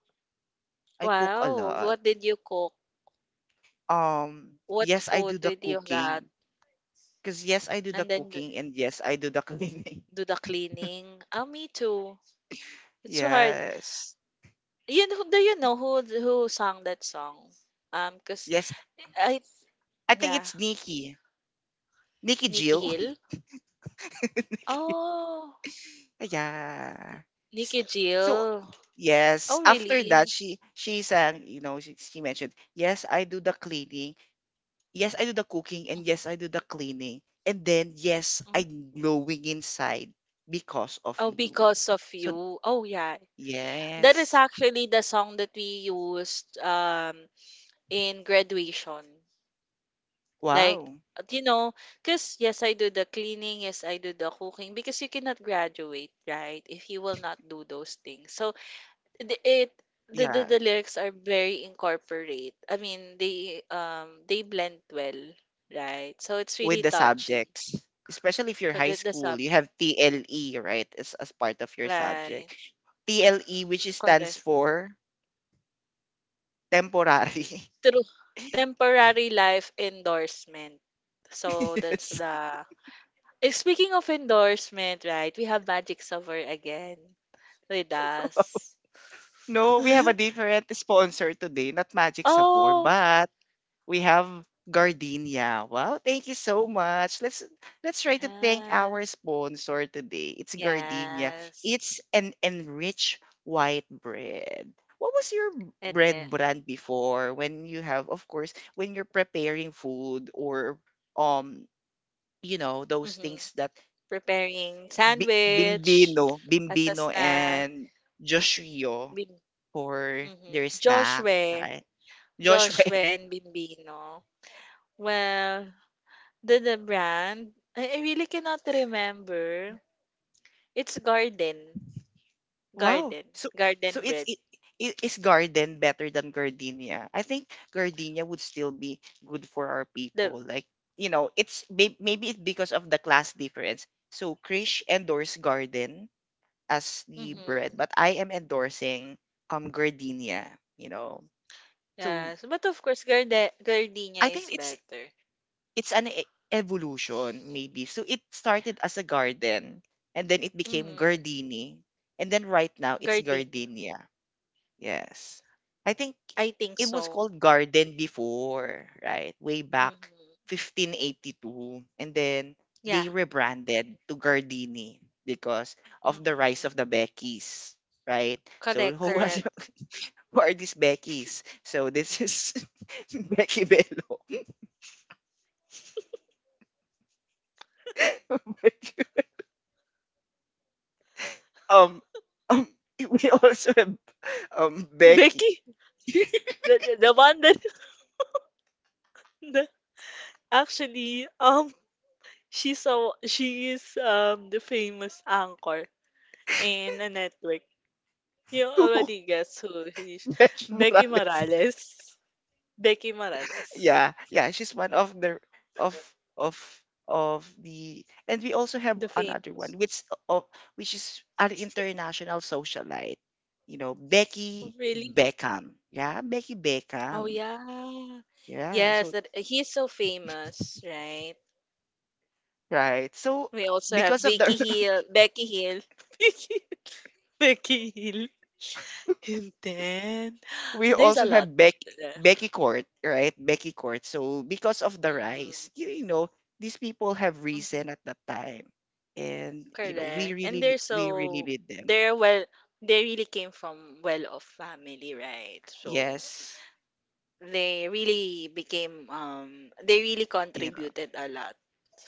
A: I cook a
B: Wow,
A: lot.
B: what did you cook?
A: Um
B: What
A: yes, I do
B: food
A: the
B: did you get?
A: cooking. Because yes, I do the
B: And then the-
A: cooking, and yes, I do the cleaning.
B: do the cleaning. Oh, me too. It's so hard.
A: Yes.
B: You know, do you know who who sang that song? Um, cause
A: Yes,
B: I,
A: I think
B: yeah,
A: it's nikki Nikki
B: Nikki
A: Jill.
B: Hill.
A: Nikki.
B: Oh.
A: Yeah. S-
B: Nikki
A: so
B: Jill.
A: yes,
B: Oh,
A: after that,
B: really?
A: she she sang, you know, she, she mentioned, yes, I do the cleaning, yes, I do the cooking, and
B: Mhm,
A: yes, I do the cleaning. And then yes,
B: mm.
A: I'm glowing inside because of
B: Oh,
A: you.
B: because of
A: So
B: you. Oh, yeah. That is
A: yes.
B: actually the song that we used um in graduation. Like,
A: Wow.
B: uh, you know, because yes, I do the cleaning, yes, I do the cooking, because you cannot graduate, right? If you will not do those things. So the it the the,
A: Yeah.
B: the lyrics are very incorporate. I mean, they um they blend well, right? So it's
A: With
B: really
A: the
B: touching.
A: subjects. Especially if you're
B: 'Cause
A: high
B: the the
A: school,
B: sub,
A: you have T L E, right? As as part of your
B: right?
A: subject. T L E, which is- stands
B: Correct.
A: for temporary.
B: True. Temporary life endorsement. So that's
A: Yes.
B: the. Eh, Speaking of endorsement, right? We have Magic Summer again with us.
A: No, we have a different sponsor today, not Magic Sabor,
B: Oh.
A: but. We have
B: Mhm.
A: Gardenia. Wow, thank you so much. Let's let's try to thank
B: Ah,
A: our sponsor today. It's Gardenia.
B: yes.
A: It's an enriched white bread. What was your b-
B: And
A: bread
B: then,
A: brand before, when you have, of course, when you're preparing food, or um you know those
B: mhm,
A: things that,
B: preparing
A: bi-
B: sandwich
A: bimbino
B: as a
A: bimbino
B: snack.
A: and Joshua
B: Bim,
A: for
B: mhm.
A: their snack,
B: Joshua,
A: right? Joshua.
B: Joshua and Bimbino. Well, The the brand? I, I really cannot remember. It's Garden.
A: Wow.
B: Garden.
A: So so
B: Garden
A: it's
B: bread.
A: it, it is garden better than gardenia? I think gardenia would still be good for our
B: The
A: people. Like, you know, it's may- maybe it's because of the class difference. So Krish endorsed garden as the bread,
B: mm-hmm.
A: but I am endorsing um gardenia, you know. So
B: Yes. But of course Garde
A: I
B: Gardenia is
A: think it's
B: better.
A: it's an e- evolution maybe. So it started as a garden and then it became
B: Mm-hmm.
A: gardini, and then right now it's
B: Gardenia.
A: gardenia. Yes. I think
B: I think
A: it was
B: so.
A: called Garden before, right? Way back
B: Mm-hmm.
A: fifteen eighty-two. And then
B: Yeah.
A: they rebranded to Gardini because of the rise of
B: Mm-hmm.
A: the Beckys, right? So
B: Correct,
A: who was,
B: correct.
A: who are these Beckys? So this is, Becky Bello. um, um we also have um Becky,
B: Becky, the, the, the one that the, actually um she's a she is um the famous anchor in a network. You
A: who
B: already guessed who he is.
A: Besh
B: Becky
A: Morales.
B: Morales. Becky Morales.
A: Yeah, yeah, she's one of the, of of of the. And we also have
B: The
A: another
B: famous.
A: one, which of which is an international socialite, you know,
B: Oh,
A: Becky
B: really?
A: Beckham. Yeah, Becky
B: Oh,
A: Beckham.
B: yeah.
A: Yeah,
B: Yes,
A: so,
B: that he's so famous, right?
A: right, so
B: We also have
A: because of
B: Vicky
A: the,
B: Hill, Becky Hill, Vicky, Becky Hill. And then
A: we
B: there's a
A: also
B: lot
A: have Becky,
B: there.
A: becky Court, right? Becky Court. So because of the
B: Mm-hmm.
A: rise, you, you know, these people have
B: Mm-hmm.
A: risen at that time, and you know, we
B: Correct. And
A: really
B: they're
A: ne- we really
B: so
A: need them.
B: they're well they really came from well-off family, right? So
A: Yes,
B: they really became um they really contributed a lot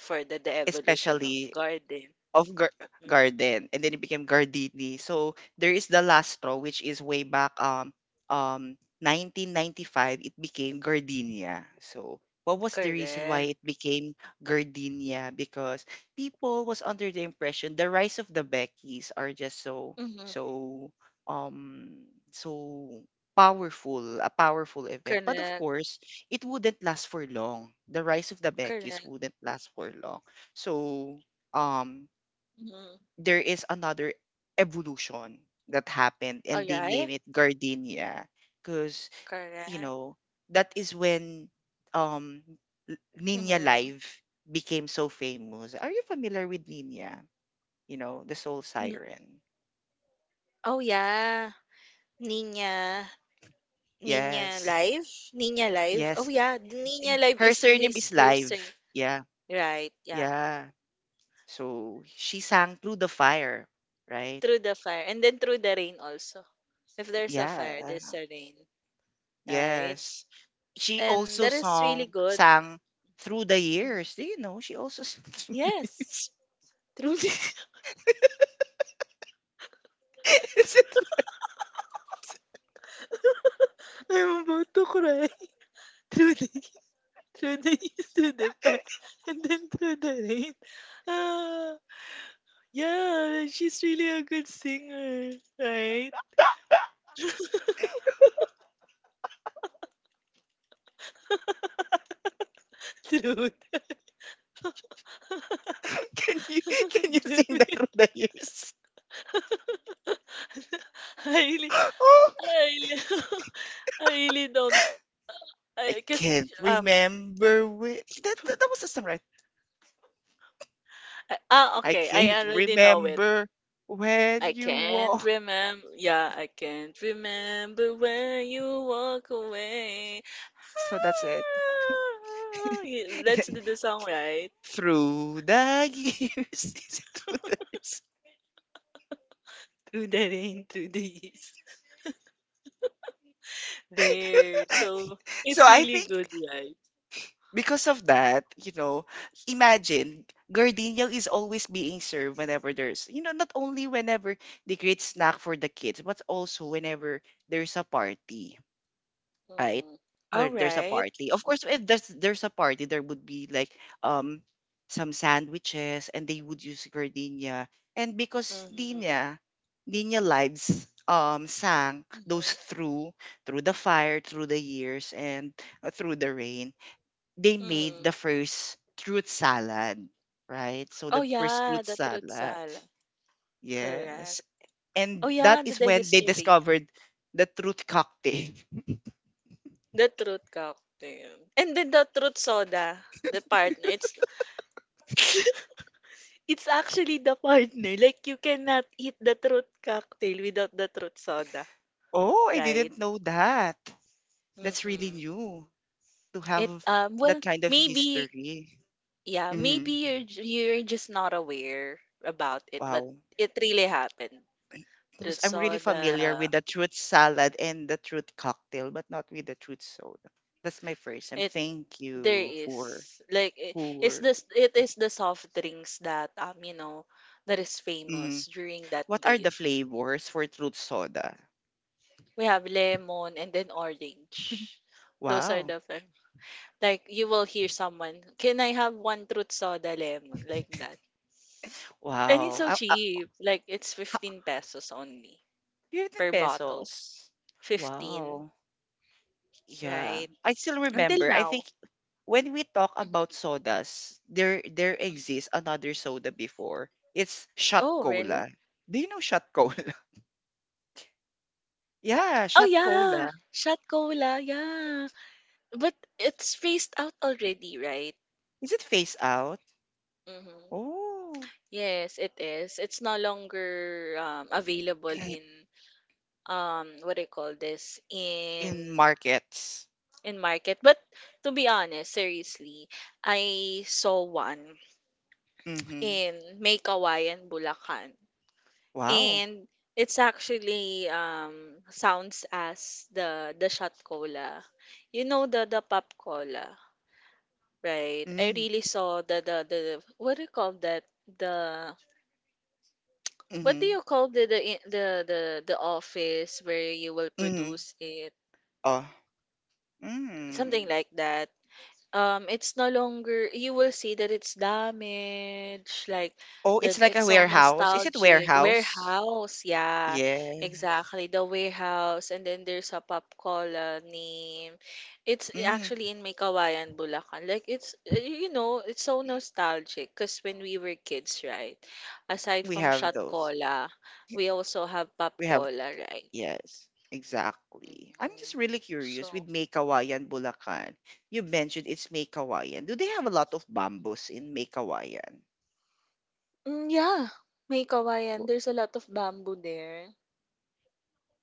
B: for the, the evolution of
A: especially
B: garden.
A: of gar-
B: Mhm.
A: garden. And then it became Gardini. So there is the last straw, which is way back, um um nineteen ninety-five it became Gardenia. So what was the reason
B: Correct.
A: why it became Gardenia? Because people was under the impression the rise of the Beckys are just so
B: Mm-hmm.
A: so um so powerful, a powerful event. But of
B: Correct.
A: course, it wouldn't last for long. The rise of the Beckys
B: Correct.
A: wouldn't last for long. So, um
B: Mm-hmm.
A: there is another evolution that happened,
B: All
A: and they name
B: right.
A: it gardenia because you
B: Correct.
A: know, that is when um L- Nina
B: Mm-hmm.
A: Live became so famous. Are you familiar with Nina? You know, the soul siren.
B: Oh yeah, Nina. Nina
A: Yes.
B: Live. Nina Live. Oh
A: Yes.
B: yeah, the Nina
A: Eh,
B: Live
A: Her
B: is the,
A: surname
B: his
A: is
B: her
A: Live.
B: sing.
A: Yeah.
B: Right. Yeah.
A: Yeah. So she sang Through the Fire, right?
B: Through the fire and then through the rain also. If there's a fire,
A: Yeah.
B: there's a rain. Right.
A: Yes. She
B: And
A: also
B: that is really
A: song
B: good.
A: sang Through the
B: Mhm.
A: Years. Do you know she also sang Through the
B: Yes,
A: Years?
B: Trudy.
A: Is it,
B: I'm about to cry. Trudy, Trudy is through the fire and then through the rain. Ah, yeah, she's really a good singer, right? Trudy.
A: can you can you
B: Damn
A: sing that Through
B: it.
A: the Years?
B: I really,
A: Oh,
B: I really, I really don't.
A: I
B: I guess
A: can't
B: um.
A: remember when that, that that was the song, right?
B: I, ah,
A: I
B: okay. I
A: can't
B: already know it.
A: remember when
B: I
A: you
B: can't
A: walk.
B: remember, yeah, I can't remember when you walk away.
A: So that's it.
B: Ah, y-
A: And
B: That's
A: then
B: the, the song, right?
A: Through the Years, is it Through the Years?
B: Through the rain, through the east. There. So
A: So
B: it's
A: I
B: really
A: think
B: good, right?
A: because of that, you know, imagine Gardenia is always being served whenever there's, you know, not only whenever they create snack for the kids, but also whenever there's a party, right?
B: Mm.
A: Where
B: All
A: there's a
B: right.
A: party. Of course, if there's there's a party, there would be like um some sandwiches, and they would use Gardenia. And because
B: Mm-hmm.
A: Dina, Dina Lives um sang those,
B: Mm-hmm.
A: through through the fire, through the years, and uh, through the rain, they made
B: Mm.
A: the first fruit salad, right? So
B: Oh,
A: the first
B: yeah,
A: fruit
B: the truth
A: salad.
B: sal. Correct.
A: Yes.
B: Oh,
A: And
B: yeah,
A: that
B: the,
A: is
B: the
A: when they
B: history.
A: discovered the truth cocktail.
B: The truth cocktail. And then the truth soda, the partner. It's. It's actually the partner. Like, you cannot eat the truth cocktail without the truth soda,
A: Oh, I
B: right?
A: didn't know that. That's really
B: Mm-hmm.
A: new, to
B: It
A: have
B: um well
A: that kind of
B: Maybe,
A: history.
B: yeah,
A: Hmm.
B: maybe you're j- you're just not aware about it, but
A: Wow.
B: it really happened.
A: 'Cause
B: Truth
A: I'm really familiar
B: soda,
A: with the truth salad and the truth cocktail, but not with the truth soda. That's my first. And
B: it
A: thank
B: there
A: you for
B: is like it, it's
A: for.
B: this it is the soft drinks that, um you know, that is
A: Mm-hmm.
B: famous during that
A: What are the
B: days.
A: flavors for truth soda?
B: We have lemon and then orange. Those are
A: Wow.
B: the fam-. Like you will hear someone, "Can I have one truth soda lemon?" Like that. And it's
A: Wow.
B: so
A: Ah, ah,
B: cheap. Like it's
A: ha-
B: fifteen pesos only
A: fifteen
B: per bottle.
A: pesos.
B: fifteen,
A: Wow. Yeah.
B: right?
A: I still
B: Until
A: remember. I think
B: now.
A: when we talk
B: Mhm,
A: about sodas, there there
B: mhm.
A: exists another soda before. It's shot
B: Oh, really?
A: cola. Do you know shot cola? Yeah,
B: Oh,
A: shot
B: yeah.
A: cola.
B: Shot cola, yeah. But it's phased out already, right?
A: Is it phase out?
B: Mm-hmm.
A: Oh.
B: Yes, it is. It's no longer, um, available in, um what do you call this in
A: In markets.
B: in market. But to be honest, seriously, I saw one
A: Mm-hmm.
B: in May Kawayan, Bulacan.
A: Wow.
B: And it's actually, um sounds as the the shot cola. You know the the pop cola, right? I
A: Mm.
B: really saw the the the. What do you call that? The. What do
A: Mm-hmm.
B: you call the the in- the the, the office where you will
A: Mm-hmm.
B: produce it?
A: Oh.
B: Something
A: Mm.
B: like that. Um it's no longer. You will see that it's damaged, like
A: Oh, it's
B: that.
A: like
B: It's
A: a
B: so
A: warehouse. Is it
B: nostalgic.
A: warehouse?
B: Warehouse, yeah,
A: Yes.
B: exactly, the warehouse. And then there's a pop colony. It's
A: Mm,
B: actually in May Kawayan, Bulacan. Like it's uh, you know, it's so nostalgic because when we were kids, right, aside
A: we
B: from
A: have
B: shot
A: those.
B: cola, we also have pop
A: We have,
B: cola, right?
A: yes, exactly. I'm just
B: Mhm.
A: really curious
B: so
A: with May Kawayan, Bulacan. You mentioned it's May Kawayan. Do they have a lot of bamboos in May Kawayan?
B: mm, yeah, May Kawayan,
A: W-
B: there's a lot of bamboo there.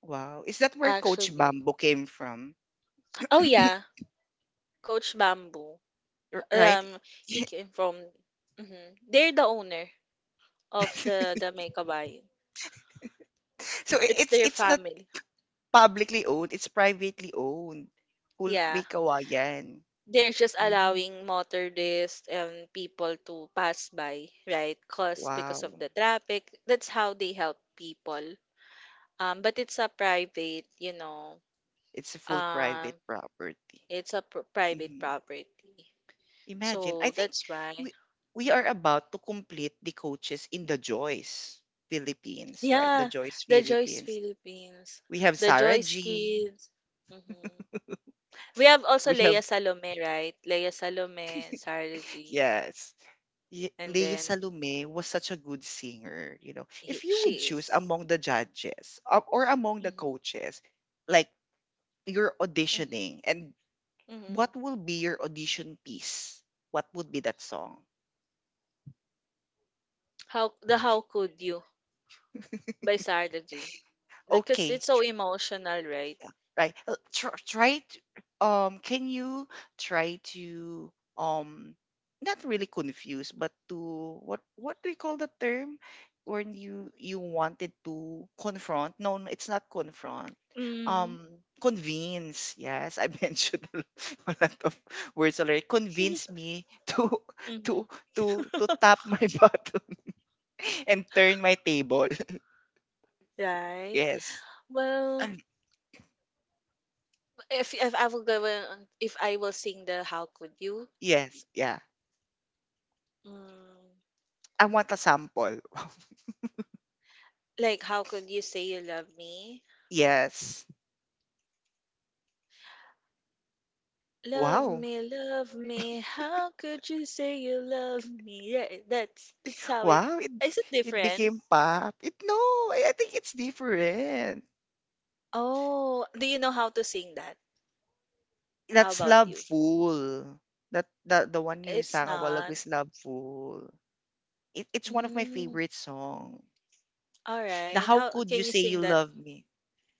A: Wow. Is that where Coach
B: Actually.
A: Bamboo came from?
B: Oh yeah, Coach Bamboo.
A: R- Right?
B: Um, he came from. Hmm. They're the owner of the the Mekabayan.
A: So i-
B: It's
A: it's
B: their
A: it's not
B: family.
A: publicly owned, it's privately owned. Cool May
B: Yeah,
A: Kawayan.
B: they're just
A: Mm,
B: allowing motorists and people to pass by, right? Cause because of
A: wow.
B: the traffic. That's how they help people. Um, but it's a private, you know.
A: It's a full
B: Um,
A: private property.
B: it's a pr private
A: Mhm.
B: property.
A: Imagine, I
B: So
A: think
B: that's why.
A: we we are
B: Mm-hmm.
A: about to complete the coaches in the Joyce Philippines, right? The
B: Yeah,
A: Joyce
B: the Joyce
A: Philippines.
B: Philippines,
A: We have
B: the
A: Sarah
B: Joyce
A: G.
B: Kids. Mhm. We have also
A: We have
B: Leia Salome, right? Leia Salome, Sarah.
A: yes. Ye-
B: And
A: Lea
B: then
A: Salome was such a good singer, you know. If
B: he,
A: you would
B: she
A: choose
B: is.
A: among the judges uh, or among the
B: Hmm.
A: coaches, like you're
B: Hmm.
A: auditioning and
B: Hmm.
A: what will be your audition piece? What would be that song?
B: How the How Could You by Sarah G. Like, 'cause
A: Okay,
B: it's so emotional, right?
A: yeah, right. Uh, tr- try to um Can you try to um not really confuse but to what what do you call the term when you you wanted to confront? No, no, it's not confront.
B: Mm-hmm.
A: um Convince, yes. I mentioned a lo- a lot of words already. Convince me to to to to tap my button and turn my table.
B: Right.
A: Yes.
B: Well,
A: Um,
B: if if I will go on, if I will sing the How Could You,
A: yes, yeah.
B: mm,
A: I want a sample.
B: like How Could You Say You Love Me?
A: Yes.
B: Love
A: Wow.
B: me, love me. How could you say you love me? Yeah, that's that's how it.
A: Wow, it
B: Is it
A: it
B: different?
A: became pop. It no, I, I think it's different.
B: Oh, do you know how to sing that? How
A: That's
B: about
A: Love
B: you?
A: Fool. That the the one you
B: It's
A: sang a while ago
B: not.
A: is Love Fool. It, it's one of my
B: Mm,
A: favorite song.
B: all
A: The
B: right.
A: How
B: How
A: Could You
B: can you
A: Say
B: sing
A: You
B: that?
A: Love Me?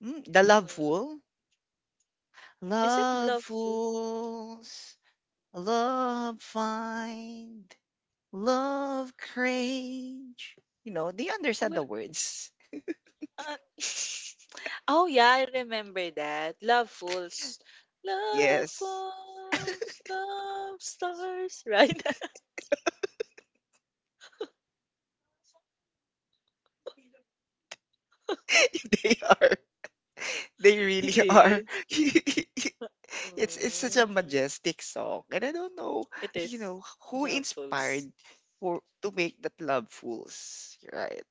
A: Mm, the Love
B: Mm-hmm.
A: Fool.
B: Is it
A: Love
B: love fool?
A: fools, love find, love cringe. You know, they
B: Oh,
A: understand
B: well,
A: the words.
B: uh, oh yeah, I remember that. Love fools. Love
A: Yes,
B: fools, love stars, right?
A: they are. They really
B: It
A: are.
B: is.
A: It's it's such a
B: Mm.
A: majestic song, and I don't know,
B: It
A: you
B: is.
A: know, who
B: Lovefuls.
A: inspired for to make that Love Fools, right?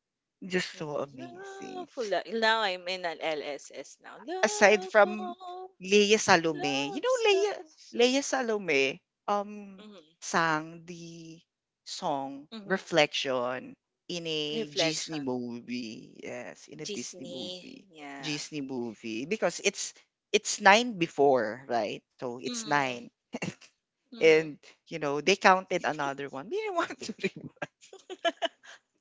A: Just so
B: Mhm.
A: amazing
B: Loveful. La-. Now I'm in an L S S now.
A: aside from
B: Lovefuls.
A: Lea Salome, you
B: Love
A: know, Lea
B: stuff.
A: Lea Salome um
B: Mm-hmm.
A: sang the song
B: Mm-hmm.
A: Reflection in a Disney
B: Reflection.
A: movie. Yes, in a Disney
B: Disney.
A: movie.
B: Yeah.
A: Disney movie because it's it's nine before, right? So it's
B: Mm-hmm.
A: nine
B: Mm-hmm.
A: and you know they counted another one. We didn't want to remove.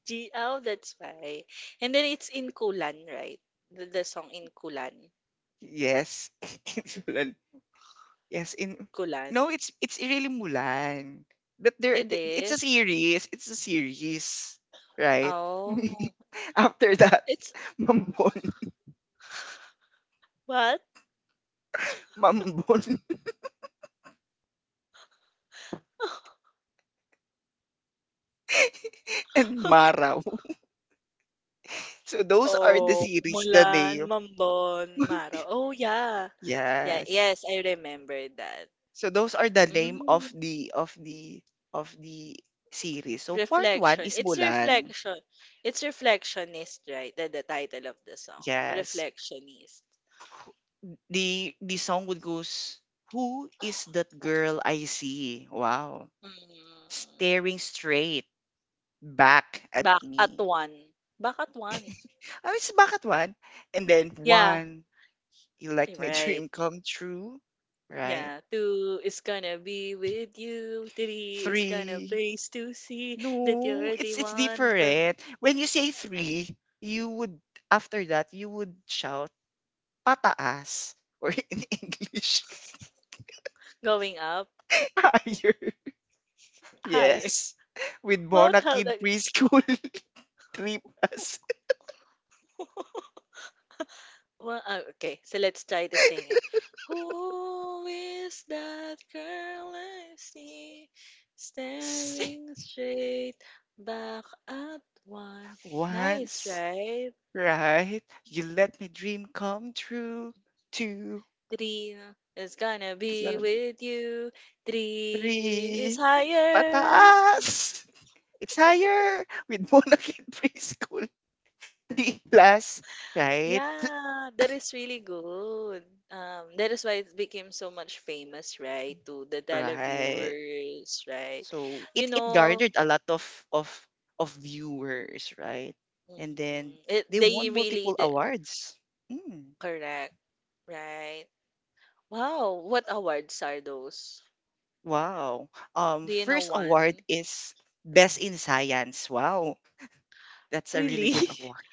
B: G L. That's why. And then it's in Kulan, right? The, the song in Kulan.
A: Yes. Yes, in
B: Kulan.
A: no, it's it's really Mulan. But there
B: It
A: th- it's a
B: is.
A: series, it's a series, right?
B: Oh.
A: After that,
B: It's
A: Mambon,
B: what?
A: Mambon and Maraw. So those are the
B: Oh,
A: series the
B: Mulan,
A: name.
B: Mambon, Mara. Oh, yeah. Yeah,
A: Yes.
B: yes, I remember that.
A: So those are the name of
B: Mm,
A: the of the of the series. So part one
B: reflection.
A: is
B: It's
A: Mulan.
B: reflection. It's reflectionist, right? The, the title of the song.
A: Yes.
B: Reflectionist.
A: The the song would goes, who is that girl I see? Wow.
B: Mm,
A: Staring straight back at
B: back at
A: me.
B: one. Back at one.
A: I was back at one. And then
B: Yeah,
A: one, you like my
B: right.
A: dream come true, right?
B: Yeah, two is gonna be with you. Three is gonna
A: Three,
B: place to see that
A: no,
B: you're the
A: it's it's
B: one from
A: different. When you say three, you would after that you would shout pataas or in English
B: going up
A: higher.
B: higher.
A: Yes. With
B: What?
A: Bona
B: How
A: Kid
B: that?
A: preschool. Three plus.
B: Well, uh, okay, so let's try to sing it. Who is that girl I see staring straight back at one? Nice,
A: Once.
B: right?
A: Right? You let my dream come true. Two.
B: Three is gonna
A: It's
B: be
A: gonna be
B: with you. Three is
A: three.
B: higher.
A: Pataas! It's higher with Mona Kid Preschool. D plus. Right?
B: Yeah, that is really good. Um, that is why it became so much famous, right? To the
A: Right.
B: televiewers, right?
A: So
B: You
A: it, it
B: know.
A: garnered a lot of of of viewers, right? And then
B: Mhm. It,
A: they
B: they
A: won
B: really
A: multiple
B: d.
A: awards. Mm,
B: Correct, right? Wow, what awards are those?
A: wow. Um
B: Do you know
A: first award
B: one?
A: is Best in Science. Wow. That's a really
B: Really?
A: good award.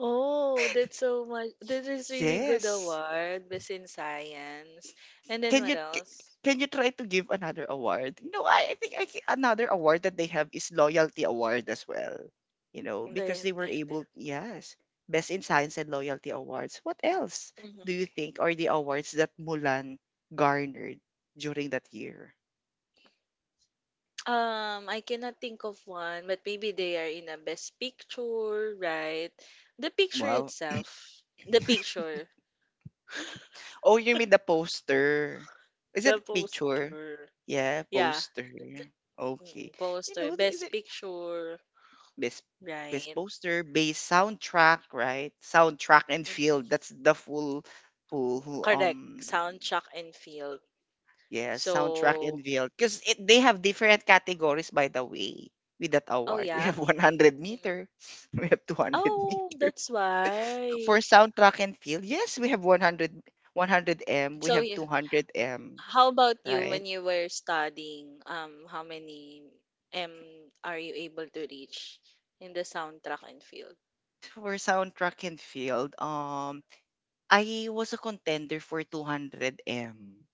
B: Oh, that's so much. That is really good
A: Yes.
B: award, Best in Science. And then
A: Can you
B: what
A: c-
B: else?
A: can you try to give another award? You know, I, I think I think another award that they have is loyalty award as well. You know, because
B: The.
A: they were
B: They.
A: able, yes, best in science and loyalty awards. What else
B: Hmm.
A: do you think are the awards that Mulan garnered during that year?
B: Um, I cannot think of one, but maybe they are in a Best Picture, right? The picture
A: Wow.
B: itself, the picture,
A: Oh, you mean the poster? Is
B: the
A: it picture?
B: poster.
A: Yeah,
B: Yeah.
A: poster. Okay.
B: Mm.
A: You
B: Poster,
A: know, th-
B: best
A: th-
B: picture,
A: best best
B: right?
A: poster, best soundtrack, right? Soundtrack and field.
B: Hmm.
A: That's the full full who
B: Correct.
A: um
B: Soundtrack and field.
A: yeah, soundtrack
B: So,
A: and field. Because it they have different categories, by the way, with that
B: oh
A: award. We
B: yeah.
A: have one hundred
B: Mm.
A: meter, we have two hundred
B: Oh,
A: meter.
B: that's
A: For
B: why.
A: soundtrack and
B: S-.
A: field, yes, we have one hundred one hundred M, we
B: So,
A: have
B: yeah.
A: two hundred M,
B: How about you
A: right?
B: when you were studying? Um, how many M are you able to reach in the soundtrack and field?
A: For soundtrack and field, um I was a contender for two hundred M.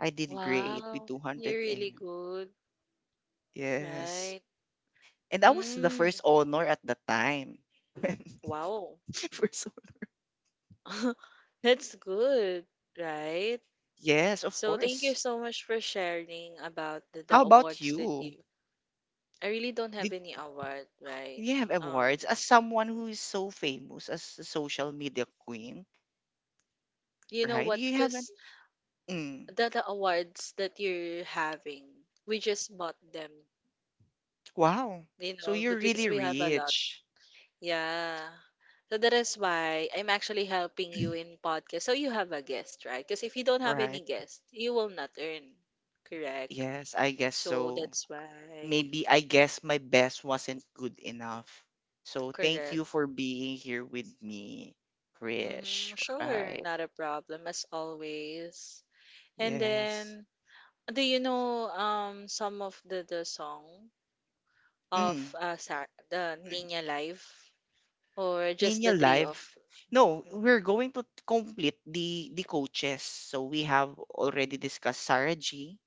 A: I did great with
B: Wow,
A: two hundred
B: you're really
A: M.
B: good,
A: Yes.
B: right?
A: And that was the
B: Mm,
A: first honor at the time.
B: wow.
A: First honor.
B: That's good, right?
A: Yes, of
B: So thank you
A: course.
B: so much for sharing about the,
A: How
B: the
A: about
B: awards that
A: you?
B: you. I really don't have
A: Did
B: any award, right?
A: you have
B: Um,
A: awards as someone who is so famous as a social media queen,
B: you know
A: right?
B: what?
A: You haven't.
B: Cause
A: Mm,
B: the, the awards that you're having, we just bought them.
A: wow.
B: You
A: So
B: know,
A: you're
B: but because
A: really
B: we have a lot.
A: rich,
B: Yeah. So that is why I'm actually helping you in podcast. So you have a guest, right? Because if you don't have any
A: right?
B: guest, you will not earn. Correct.
A: Yes, I guess
B: So
A: so.
B: that's why.
A: Maybe I guess my best wasn't good enough. So thank you
B: Correct.
A: for being here with me, Krish.
B: Mhm, sure,
A: Right.
B: not a problem as always. And
A: Yes.
B: then, do you know um some of the the song
A: Mm.
B: of uh sa the Nina Live, or just
A: Ninja
B: the three
A: Live.
B: of?
A: No, we're
B: Mm-hmm.
A: going to complete the the coaches. So we have already discussed Sarah G.,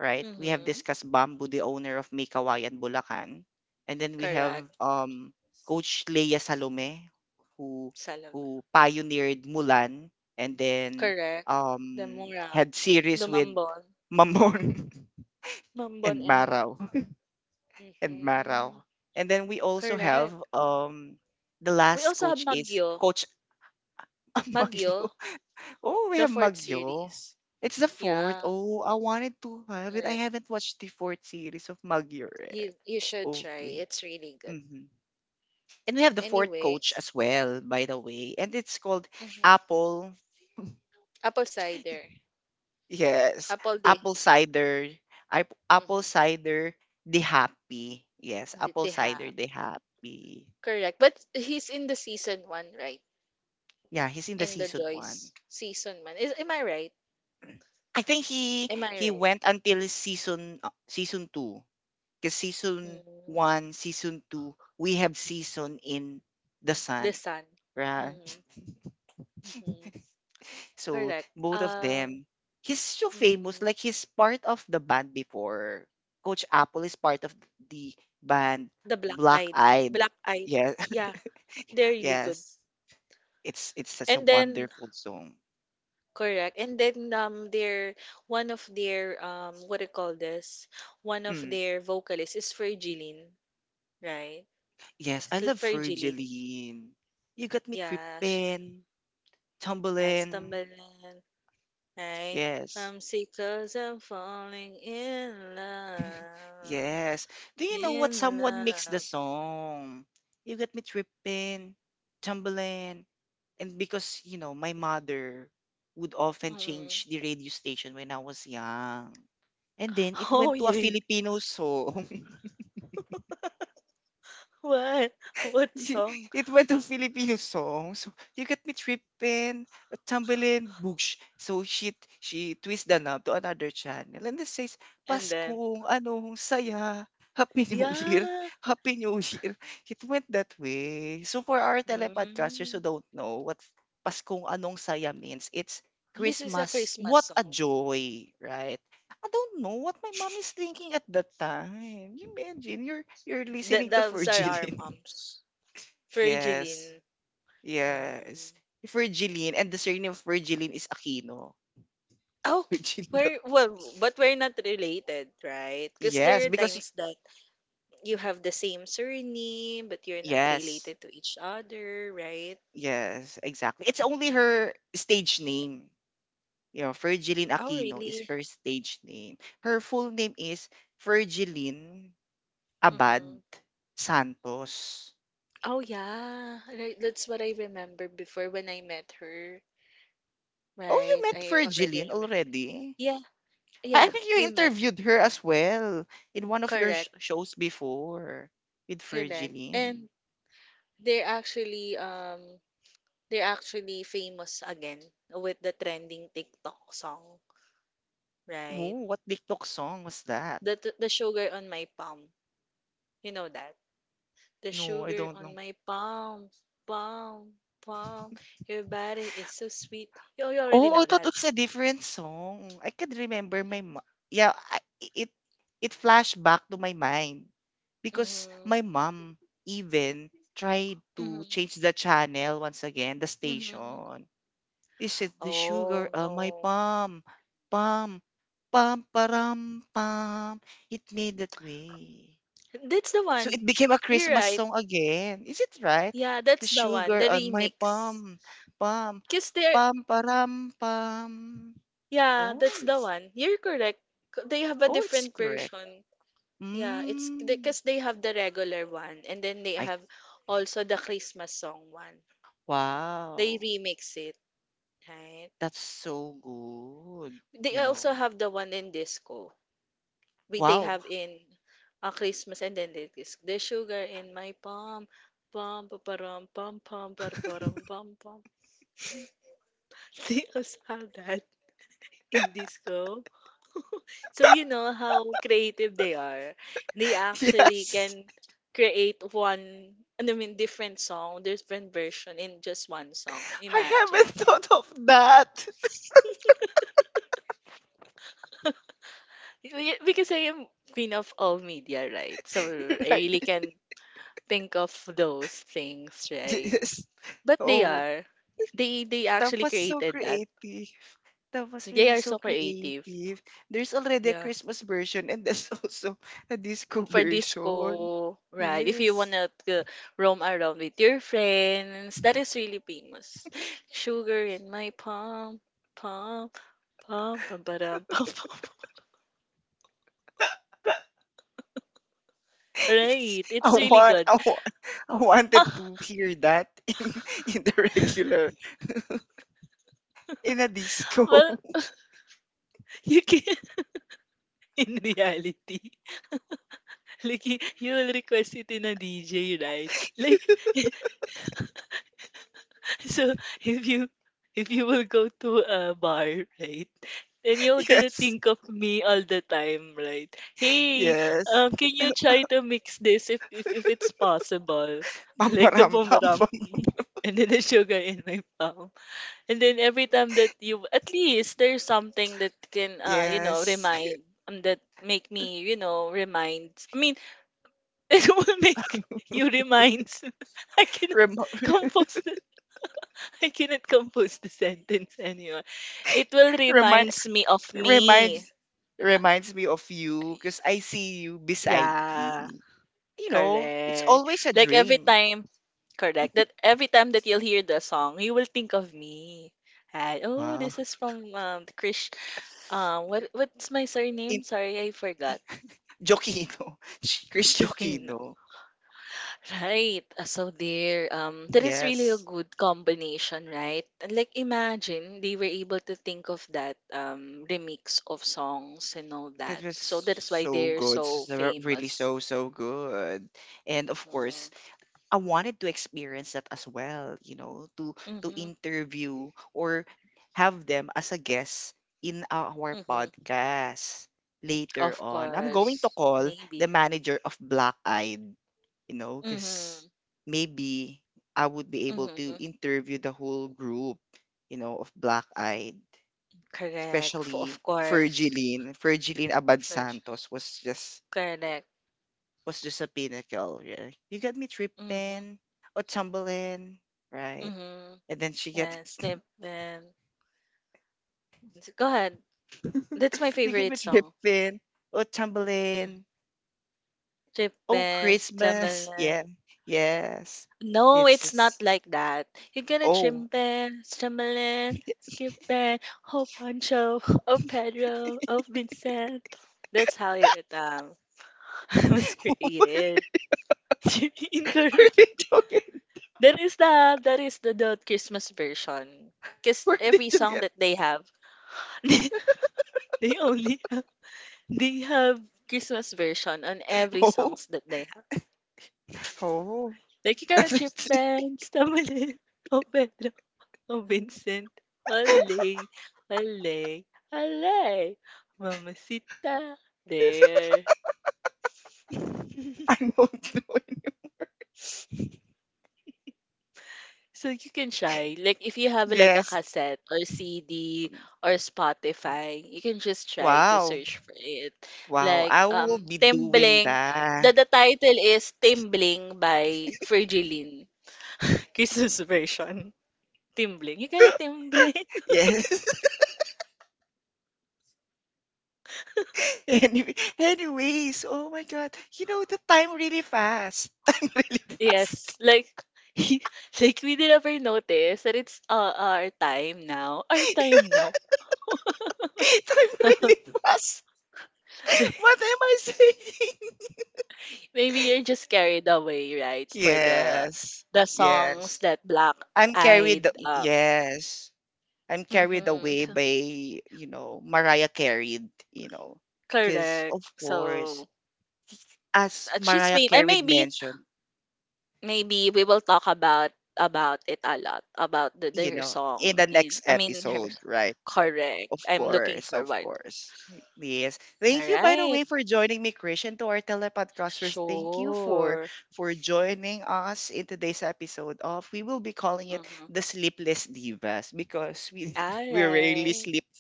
A: right? We have
B: Mm-hmm.
A: discussed Bamboo, the owner of May Kawayan, Bulacan. And then we have,
B: Correct.
A: um, Coach Leia Salome, who
B: Salam.
A: who pioneered Mulan, and then
B: Correct. The
A: um,
B: Mura,
A: had series
B: the
A: with
B: Mambon,
A: Mamon
B: Mambon,
A: and
B: and
A: Maraw. And
B: mm-hmm.
A: Maraw. And then we also have,
B: Correct.
A: um, the
B: We
A: last
B: also have
A: coach is
B: Magyo,
A: Coach
B: Magyo,
A: Amagyo. Oh, we
B: the
A: have
B: fourth
A: Magyo.
B: series.
A: It's the fourth.
B: Yeah,
A: Oh, I wanted to have it. I
B: correct.
A: haven't watched the fourth series of Magyo yet.
B: You you should try.
A: Okay.
B: It's really good.
A: Hmm. And we have the fourth coach
B: Anyways,
A: as well, by the way. And it's called
B: mhm.
A: Apple.
B: Apple cider,
A: Yes.
B: apple day,
A: Apple Cider. ap- Apple
B: mm-hmm.
A: Cider the Happy. Yes. Apple
B: They
A: Cider
B: have
A: the Happy.
B: correct. But he's in the season one, right?
A: Yeah, he's in the
B: In the
A: season one.
B: Joyce season one, is, am I right?
A: I think he
B: Am I
A: he
B: right?
A: went until season uh, season two. Because season
B: Mm,
A: one, season two, we have season in the
B: the
A: sun,
B: sun.
A: right?
B: Mm, hmm.
A: So
B: Correct.
A: both of
B: Um,
A: them, he's so famous.
B: mhm.
A: Like he's part of the band before. Coach Apple is part of the band
B: The black
A: Black
B: eyed,
A: Eyed.
B: black eyed.
A: Yeah.
B: Yeah, they're really good.
A: Yes. It's it's such a
B: And then
A: wonderful song.
B: correct. And then um, their one of their, um, what do you call this? One of
A: Mm.
B: their vocalists is Virgilin. Right.
A: Yes, I
B: Still
A: love
B: Virgilin.
A: Virgilene. You got me
B: Yeah, sh-
A: trippin',
B: and
A: tumbling.
B: stumbling, right?
A: Yes.
B: I'm sick I I'm falling in love.
A: Yes. Do you know what
B: In
A: someone mixed the
B: love.
A: song? You got me tripping, tumbling. And because, you know, my mother would often
B: Mm.
A: change the radio station when I was young. And then it
B: Oh,
A: went to a
B: yeah.
A: Filipino song.
B: What? What song?
A: It went to Filipino songs. So, you got me tripping, a tumbling, boogsh. So she she twists the knob to another channel and it says,
B: And then,
A: Paskong, anong saya, Happy New Year,
B: yeah.
A: Happy New Year. It went that way. So for our telepodcasters who
B: Mm.
A: don't know what Paskong, anong saya means, it's
B: This is a
A: Christmas.
B: Christmas
A: What a
B: song.
A: joy, right? I don't know what my mom is thinking at that time. You imagine you're you're
B: Th
A: listening to
B: those are our
A: Virgilin.
B: moms.
A: Yes.
B: Virgilin. Mm.
A: Yes. Virgilene, and the surname of Virgilene is Aquino.
B: Oh,
A: Virgilio.
B: we're, well, but we're not related, right? Because
A: Yes,
B: there are
A: because y-
B: times that you have the same surname, but you're not
A: yes.
B: related to each other, right?
A: Yes, exactly. It's only her stage name. You know, Virgilene
B: Oh,
A: Aquino is
B: really?
A: her stage name. Her full name is Virgilene Abad
B: Mm-hmm.
A: Santos.
B: Oh, yeah. Right. That's what I remember before when I met her.
A: Oh, you
B: Right.
A: met
B: I already
A: Virgilene
B: remember.
A: already?
B: Yeah.
A: I I
B: Yeah.
A: think you
B: We met.
A: interviewed her as well in one of your sh-
B: Correct.
A: shows before with
B: Correct.
A: Virgilene.
B: And they're actually um they're actually famous again with the trending TikTok song, right?
A: Oh, what TikTok song was that?
B: The the sugar on my palm. You know that. The
A: No, I
B: sugar
A: don't know.
B: on my palm, palm, palm. Your body is so sweet. You, you already
A: Oh,
B: know
A: I thought
B: that.
A: it's a different song. I can remember
B: Mm-hmm.
A: my mo- yeah, I, it it flashed back to my mind because my mom even tried
B: Mm-hmm.
A: to change the channel once again, the
B: Mm-hmm.
A: station. Is it the sugar
B: Oh,
A: of my
B: no.
A: palm, palm, pam, param, pam? It made that way.
B: That's the
A: So
B: one.
A: it became a
B: You're
A: Christmas
B: right.
A: song again. Is it right?
B: Yeah,
A: The
B: that's the one.
A: sugar
B: The
A: on my
B: remix.
A: palm, palm,
B: Because they're,
A: pam param pam.
B: yeah,
A: Oh,
B: that's the
A: it's
B: one. You're correct. C-. They have a
A: oh, it's
B: different
A: correct.
B: version. Yeah, it's
A: Mm.
B: because they have the regular one and then they
A: I
B: have also the Christmas song one. They
A: wow,
B: remix it, right?
A: that's so good.
B: They
A: You
B: also
A: know,
B: have the one in disco. We they
A: wow.
B: have in uh, Christmas, and then it is the sugar in my palm. Pom pom param pom pom param pom pom. Pum. They also have that in disco. So you know how creative they are. They actually
A: Yes,
B: can create one, I mean different song, different version in just one song.
A: I
B: Imagine.
A: haven't thought of that.
B: y- Because I am queen of all media, right? So I
A: Right?
B: really can think of those things, right?
A: Yes.
B: But they
A: Oh,
B: are. They they
A: that
B: actually
A: was so
B: created that.
A: creative. That was
B: They
A: really
B: are
A: so
B: so creative.
A: creative. There's already a
B: Yeah.
A: Christmas version and there's also a disco
B: For
A: version.
B: disco, right? If you
A: Yes.
B: wanna to roam around with your friends, that is really famous. Sugar in my palm, palm, palm, pam, pam, pam, pam.
A: It's-
B: Right.
A: I
B: It's really
A: want,
B: good.
A: I want, I wanted to hear that in in the regular, in a
B: Well,
A: disco.
B: you can, in reality. Like you, you will request it in a D J, right? Like So if you, if you will go to a bar, right, and you're gonna
A: Yes,
B: think of me all the time, right? Hey,
A: yes.
B: um, can you try to mix this if if if it's possible?
A: Pam
B: Like the
A: pam pam,
B: bumerang
A: pam.
B: and then the sugar in my palm. And then every time that you, at least there's something that can, uh, you know,
A: Yes.
B: remind, um, that make me, you know, reminds, I mean, it will make you reminds. I cannot
A: Rem
B: compose I cannot compose the sentence anymore. It will
A: remind
B: reminds me of me.
A: reminds Reminds me of you because I see you beside
B: Yeah,
A: me. You know, it's
B: correct.
A: always a
B: Like every
A: dream.
B: time, correct. That every time that you'll hear the song, you will think of me. And, oh,
A: Wow.
B: this is from um Krish. Um, what what's my
A: In
B: surname? Sorry, I forgot.
A: Jokino. Sh- Chris
B: Joking.
A: Jokino.
B: Right. Uh, so there, um, that is really a
A: Yes.
B: good combination, right? And like imagine they were able to think of that, um remix of songs and all
A: That
B: that.
A: was
B: So that is why
A: so
B: they're
A: good.
B: so
A: So, really
B: famous.
A: so, so good. And of
B: Mm-hmm.
A: course, I wanted to experience that as well, you know, to to
B: Mm-hmm.
A: interview or have them as a guest in our
B: Mm-hmm.
A: podcast later
B: Of
A: on. I'm going to
B: course.
A: call
B: Maybe.
A: the manager of Black Eyed, you know, because
B: Mm-hmm.
A: maybe I would be able to
B: Mm-hmm.
A: interview the whole group, you know, of Black Eyed,
B: Correct. F-
A: especially
B: of course.
A: Fergiline. Fergiline Abad
B: Sure, sure.
A: Santos was just
B: Correct.
A: was just a pinnacle. Yeah. You got me
B: Mm-hmm.
A: tripping or tumbling, right?
B: Mm-hmm.
A: And then she get
B: Yeah, slip, and go ahead. That's my
A: you got me
B: favorite song.
A: tripping or
B: Mm-hmm.
A: tumbling. Oh,
B: Chimpen,
A: Christmas.
B: chamalin.
A: Yeah. Yes.
B: No,
A: This
B: it's not
A: is
B: like that. You get a
A: oh.
B: chimpen, chamalin, skippen, oh Pancho, oh Pedro, oh Vincent. That's how it um was
A: What
B: created. Incorrect.
A: are they talking?
B: That is the, that is the, the Christmas version. Because
A: Where
B: every
A: did you
B: song
A: get?
B: that they have, they, they only have, they have Christmas version on every
A: Oh,
B: songs that they have.
A: oh.
B: Like you gotta chip man, stumble it, oh Vincent. Olay, olay, olay. Mamacita, there.
A: I don't know.
B: So you can try. Like if you have like a
A: Yes.
B: cassette or C D or Spotify, you can just try to
A: Wow.
B: search for it.
A: Wow,
B: Like
A: I will
B: um
A: be doing
B: Timbling. The,
A: that.
B: the title is Timbling by Virgilin. Christmas version. Timbling. You gotta timbling.
A: Yes. Anyway, anyways, oh my God. You know, the time really fast. Time really fast.
B: Yes, like like we did ever notice that it's, uh, our time now. Our time now.
A: Time really fast. What am I saying?
B: Maybe you're just carried away, right? For the
A: Yes.
B: the songs
A: Yes.
B: that Black
A: I'm
B: Eyed,
A: carried.
B: um
A: Yes. I'm carried
B: mhm,
A: away
B: so-,
A: by, you know, Mariah Carried, you know, because
B: correct.
A: of course,
B: So,
A: as
B: uh, she's
A: Mariah
B: famous. And
A: Carried
B: maybe,
A: mentioned,
B: maybe we will talk about about it a lot about the, the
A: you
B: her
A: know, in
B: song
A: the
B: in,
A: next
B: I mean her,
A: episode, right?
B: correct.
A: Of
B: I'm looking
A: course, of
B: forward.
A: course. Yes.
B: All
A: Thank you, by the
B: right.
A: way, for joining me, Christian. To our telepodcasters, thank you for
B: Sure.
A: for joining us in today's episode of we will be calling it
B: Mm-hmm.
A: the Sleepless Divas because we
B: All
A: we rarely
B: right.
A: sleep.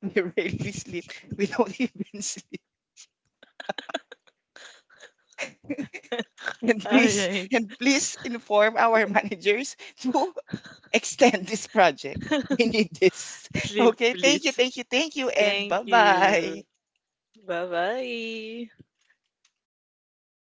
A: We rarely sleep. We don't even sleep. And
B: All
A: please,
B: right.
A: and please inform our managers to extend this project. We need this.
B: Sleep,
A: Okay, thank you,
B: please.
A: thank you, thank you, and
B: Thank
A: bye
B: you.
A: bye.
B: Bye bye.